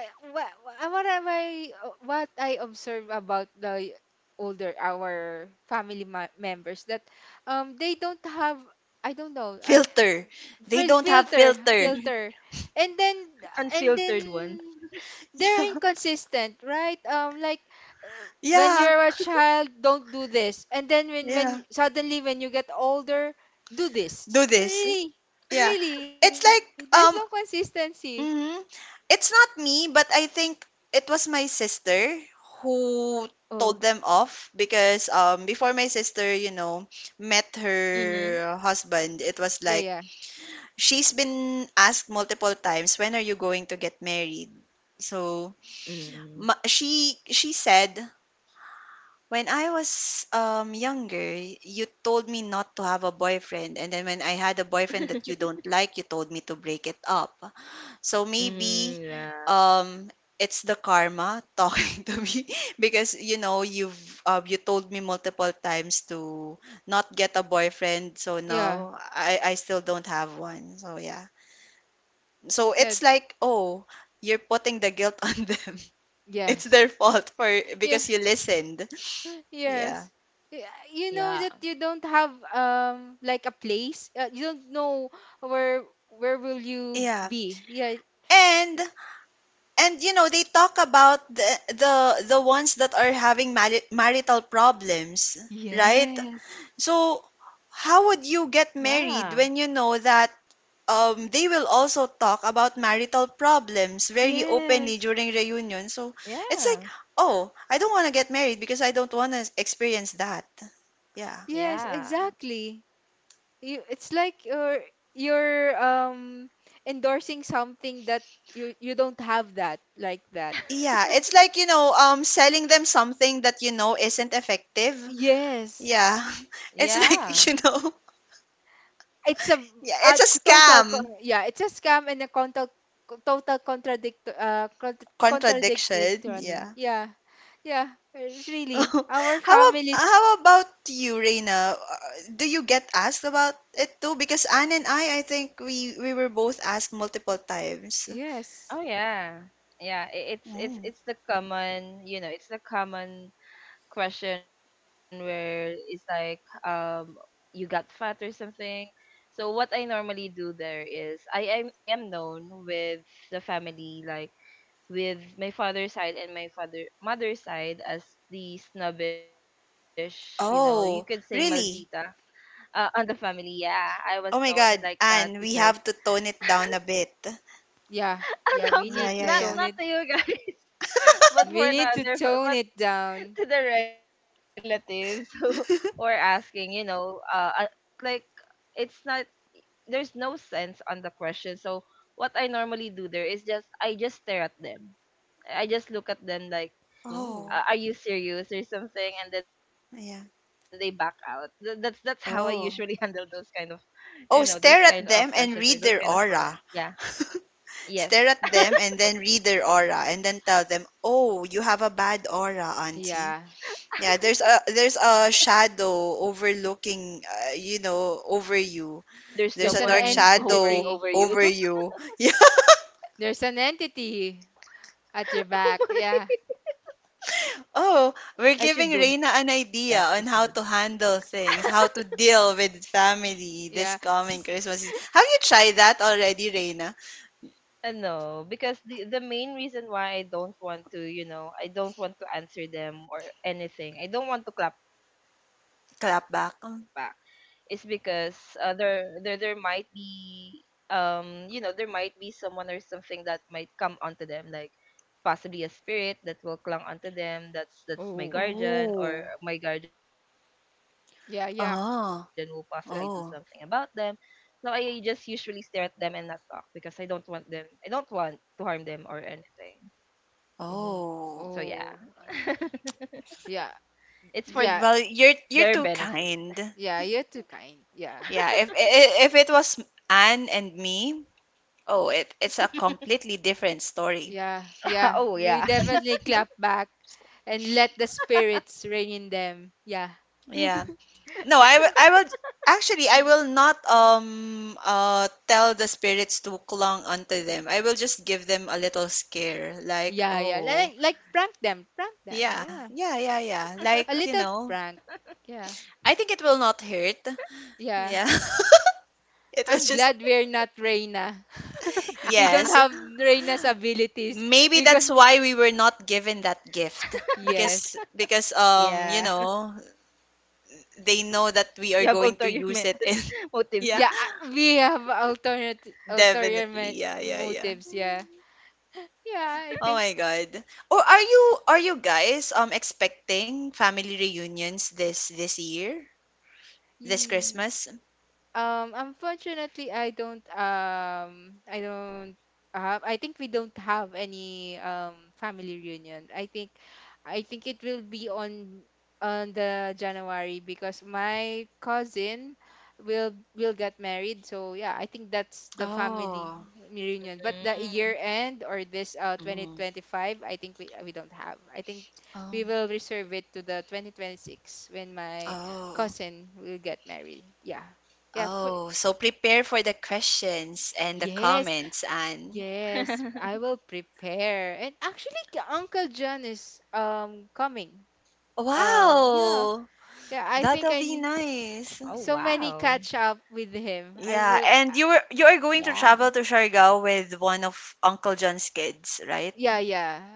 eh, what what am I what I observe about the older our family ma- members that they don't have, I don't know, I filter. They fil- don't have filter filter. (laughs) filter And then, and then Unfiltered ones. they're (laughs) inconsistent, right? Uh, Yeah. when Yeah. you're a child, don't do this, and then when Yeah. you- suddenly when you get older, do this. Do this. Really? Yeah. Really, there's It's no like, consistency. mhm. It's not me, but I think it was my sister who Oh. told them off because before Mm-hmm. my sister, met her husband, it was Yeah. like Yeah. she's been asked multiple times, "When are you going to get married?" So Mm-hmm. she said, "When I was younger, you told me not to have a boyfriend, and then when I had a boyfriend (laughs) that you don't like, you told me to break it up. So Mm-hmm. maybe Yeah. um." It's the karma (laughs) talking to me because, you told me multiple times to not get a boyfriend. So Yeah. now I still don't have one, so yeah, so Yeah. it's like, oh, you're putting the guilt (laughs) on them. It's Yes. their fault for Yeah. because you (gasps) listened. (laughs) Yeah. Yes. Y- you know Yeah. that you don't have like a place. You don't know where will you Yeah. be. Yeah. And and, they talk about the ones that are having marital problems, right? Yes. So Yeah. how would you get married when you know that they will also talk about marital problems very openly Yes. during reunion? So it's like, Yeah. oh, I don't want to get married because I don't want to experience that. Yeah. Yes, Yeah. exactly. You, it's like you're you're endorsing something that you don't have that like that. (laughs) Yeah, So, it's like, selling them something that you know isn't effective. yes. Yeah. (laughs) Yeah. It's like, (laughs) It's yeah, a it's a total scam. con- yeah, it's a scam and a total, total contradict cont- contradictory. Contradiction. Yeah. Yeah. Yeah, it's really (laughs) our families. How about you, Reina? Do you get asked about it too? Because Anne and I think we were both asked multiple times. Oh Yes. yeah. Yeah, it's it's Oh. it's the common, you know, it's the common question where it's like you got fat or something. So what I normally do there is I am known with the family like with my father's side and my father mother's side as the snobbish, you know, you could say Oh, maldita really? On the family. Yeah, I was known Oh my like God, that because Anne, we have to tone it down a bit. Yeah. (laughs) no, Yeah, we Yeah, need to yeah, not yeah. tone to it. you guys, (laughs) but for We the (laughs) need to other, tone but it down. to the relatives (laughs) who were asking, you know, like it's not there's no sense on the question. So what I normally do there is just I just stare at them. I just look at them like, Oh Oh, are you serious or something? And then they back out. yeah. That's how I usually (laughs) handle those kind of Oh. you know those kind Oh, of stare questions at or them those kind and of read their comments. Yeah. aura. (laughs) Yes. Stare at them and then read their aura and then tell them, "Oh, you have a bad aura, auntie." yeah. Yeah, (laughs) there's a shadow overlooking, over you. There's There's There's a an dark someone hovering shadow over entity, you. (laughs) over you. (laughs) Yeah. there's an entity at your Oh back. my! Yeah. Oh, we're I giving should do Reina that. I an should do that. idea on how to handle things, how to deal with family this Yeah. coming S- Christmas Eve. Have you tried that already, Reina? No, because the main reason why I don't want to, you know, I don't want to answer them or anything. I don't want to clap back. It's Clap because back. There there might be you know there might be someone or something that might come onto them like possibly a spirit that will clung onto them, that's my oh. guardian or Oh, my guardian will possibly do something about Yeah. them. Yeah, ah, So I just that. oh, usually stare at them and not talk because I don't want them, I don't want to harm them or anything. So Oh. yeah. oh. oh um, (laughs) yeah. It's for their Yeah. Well, benefit. you're too kind. Yeah, you're too kind. (laughs) Yeah. Yeah, if it was Anne and me, oh, it's a completely different story. Yeah. Yeah. Oh We yeah. definitely clap back and let the spirits ring in them. Yeah. Yeah. No, I will not tell the spirits to clung onto them. I will just give them a little scare, like, Yeah, yeah. oh, Like prank them. Prank them. yeah, Yeah. yeah, yeah, yeah. Like, A little prank. Yeah. I think it will not hurt. Yeah. Yeah. (laughs) It was I'm just. glad we're not Reyna. (laughs) We don't Yes. have Reyna's abilities (laughs) Maybe because that's why we were not given that gift because yes. Yeah. (laughs) You have they know ulterior that we methods are going to (laughs) use it, motives. and (laughs) yeah, Yeah, we have alternate ulterior definitely. ma- Yeah, yeah, yeah. motives, yeah. Yeah, I Oh think. my God. Or are you guys expecting family reunions this year? This Christmas? Unfortunately, I don't I don't have, I think we don't have any family reunion. I think it will be on the January because my cousin will get married. So yeah, I think that's the family Oh. reunion. But the year Mm. end or this Mm. 2025, I think we don't have. I think Oh. we will reserve it to the 2026 when my Oh. cousin will get married. Yeah. Yeah, for, Oh. So prepare for the questions and the yes, comments, and yes, I will prepare. And actually, K- Uncle John is coming. Yeah, wow. yeah. I think That'll I be need (laughs) Oh nice. so wow. many catch up with him. I Yeah, will. and you are going to travel to Yeah. Siargao with one of Uncle John's kids, right? Yeah, yeah.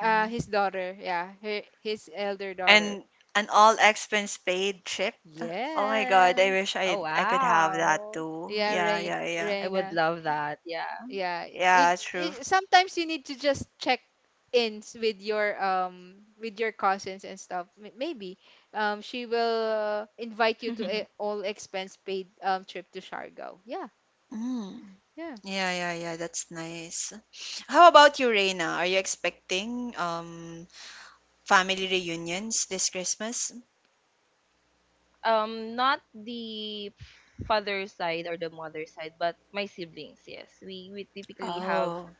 Mhm. His daughter. Yeah, her, his elder daughter. And an all expense paid trip. Oh my God, I Yeah, wish Oh I could have that wow. too. yeah. Yeah, yeah, Rein, yeah. I Reina. would love that. Yeah. Yeah, you. Yeah, true. It, sometimes you need to just check ins with your cousins and stuff. M- maybe she will invite you to (laughs) a all expense paid trip to Siargao. Yeah, Mm. yeah. Yeah, yeah, yeah. That's nice. How about you, Reina? Are you expecting family reunions this Christmas? Um, not the father side or the mother side, but my siblings, yes. We typically have Oh.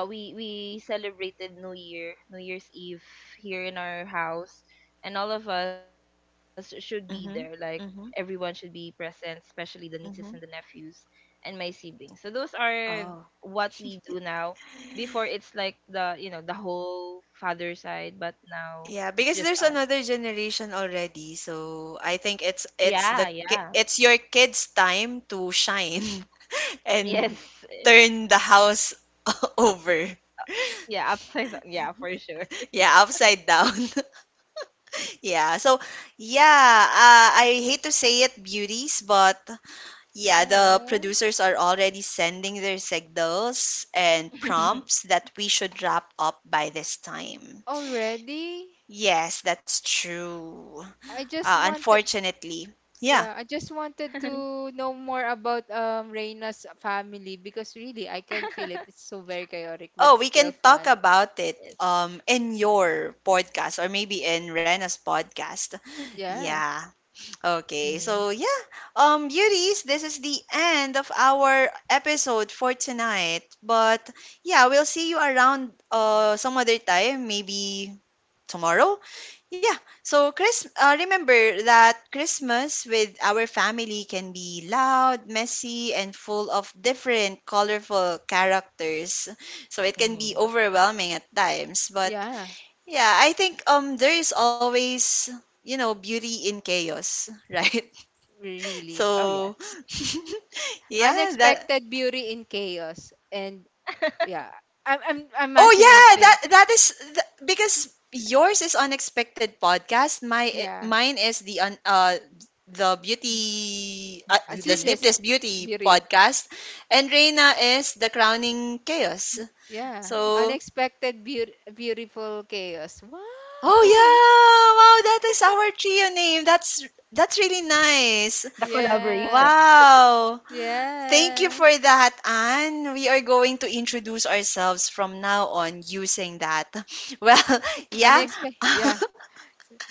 we celebrated new year, new year's eve here in our house and all of us should be there, like Mm-hmm. everyone should Mm-hmm. be present, especially the nieces and the Mm-hmm. nephews and my siblings. So those are Oh. what we do now. Before it's like the you know the whole father side, but now Yeah, it's because just there's us. another generation already, so I think Yeah, yeah. It's your kids' time to shine (laughs) (laughs) and Yes. turn the house (laughs) over. Yeah, upside down. Yeah, for sure. Yeah, upside down. (laughs) Yeah. So, yeah, I hate to say it, beauties. But yeah, the Oh. producers are already sending their signals and (laughs) prompts that we should wrap up by this time. Already? Yes, that's true. I just wanted, Unfortunately. Yeah. yeah, I just wanted to know more about Reina's family because really I can feel it. It's so very chaotic Oh, but we can still talk fun. about it Yes. In your podcast or maybe in Rena's podcast. (laughs) Yeah. Yeah. Hmm. Okay. So, yeah. Beauties, this is the end of our episode for tonight. But yeah, we'll see you around some other time, maybe tomorrow. Yeah, so Chris, remember that Christmas with our family can be loud, messy, and full of different colorful characters. So it can be Hmm. overwhelming at times, but Yeah. yeah, I think there is always, beauty in chaos, (laughs) right? Oh, yes. Really. So (laughs) yeah, that Unexpected beauty in chaos. And (laughs) yeah, I'm oh mashing up yeah, things. Because yours is unexpected podcast. My Yeah. Mine is Beauty. The Sleepless sleepless beauty beauty. podcast, and Reina is the crowning chaos. Yeah. So, Unexpected beauty, beautiful chaos. Wow. (laughs) oh yeah, wow, that is our trio name. That's really The nice. collaboration. Yeah. Wow. Thank you Yeah. for that, Anne. We are going to introduce ourselves from now on using that. (laughs) Well, yeah. Unexpected. (laughs) Yeah.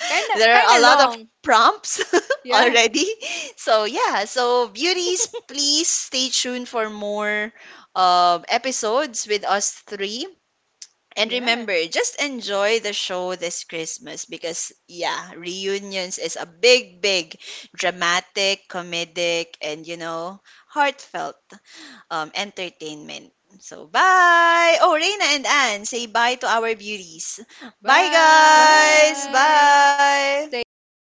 There Kind are a of lot of long. prompts (laughs) Yeah. already. So yeah, so beauties, please stay tuned for more episodes with us three. And Yeah. remember, just enjoy the show this Christmas because yeah, reunions is a big, big, dramatic, comedic, and, heartfelt, entertainment. So bye. Oh, Reina and Anne, say bye to our beauties. Bye guys. Bye. Bye. Bye. Stay unexpected.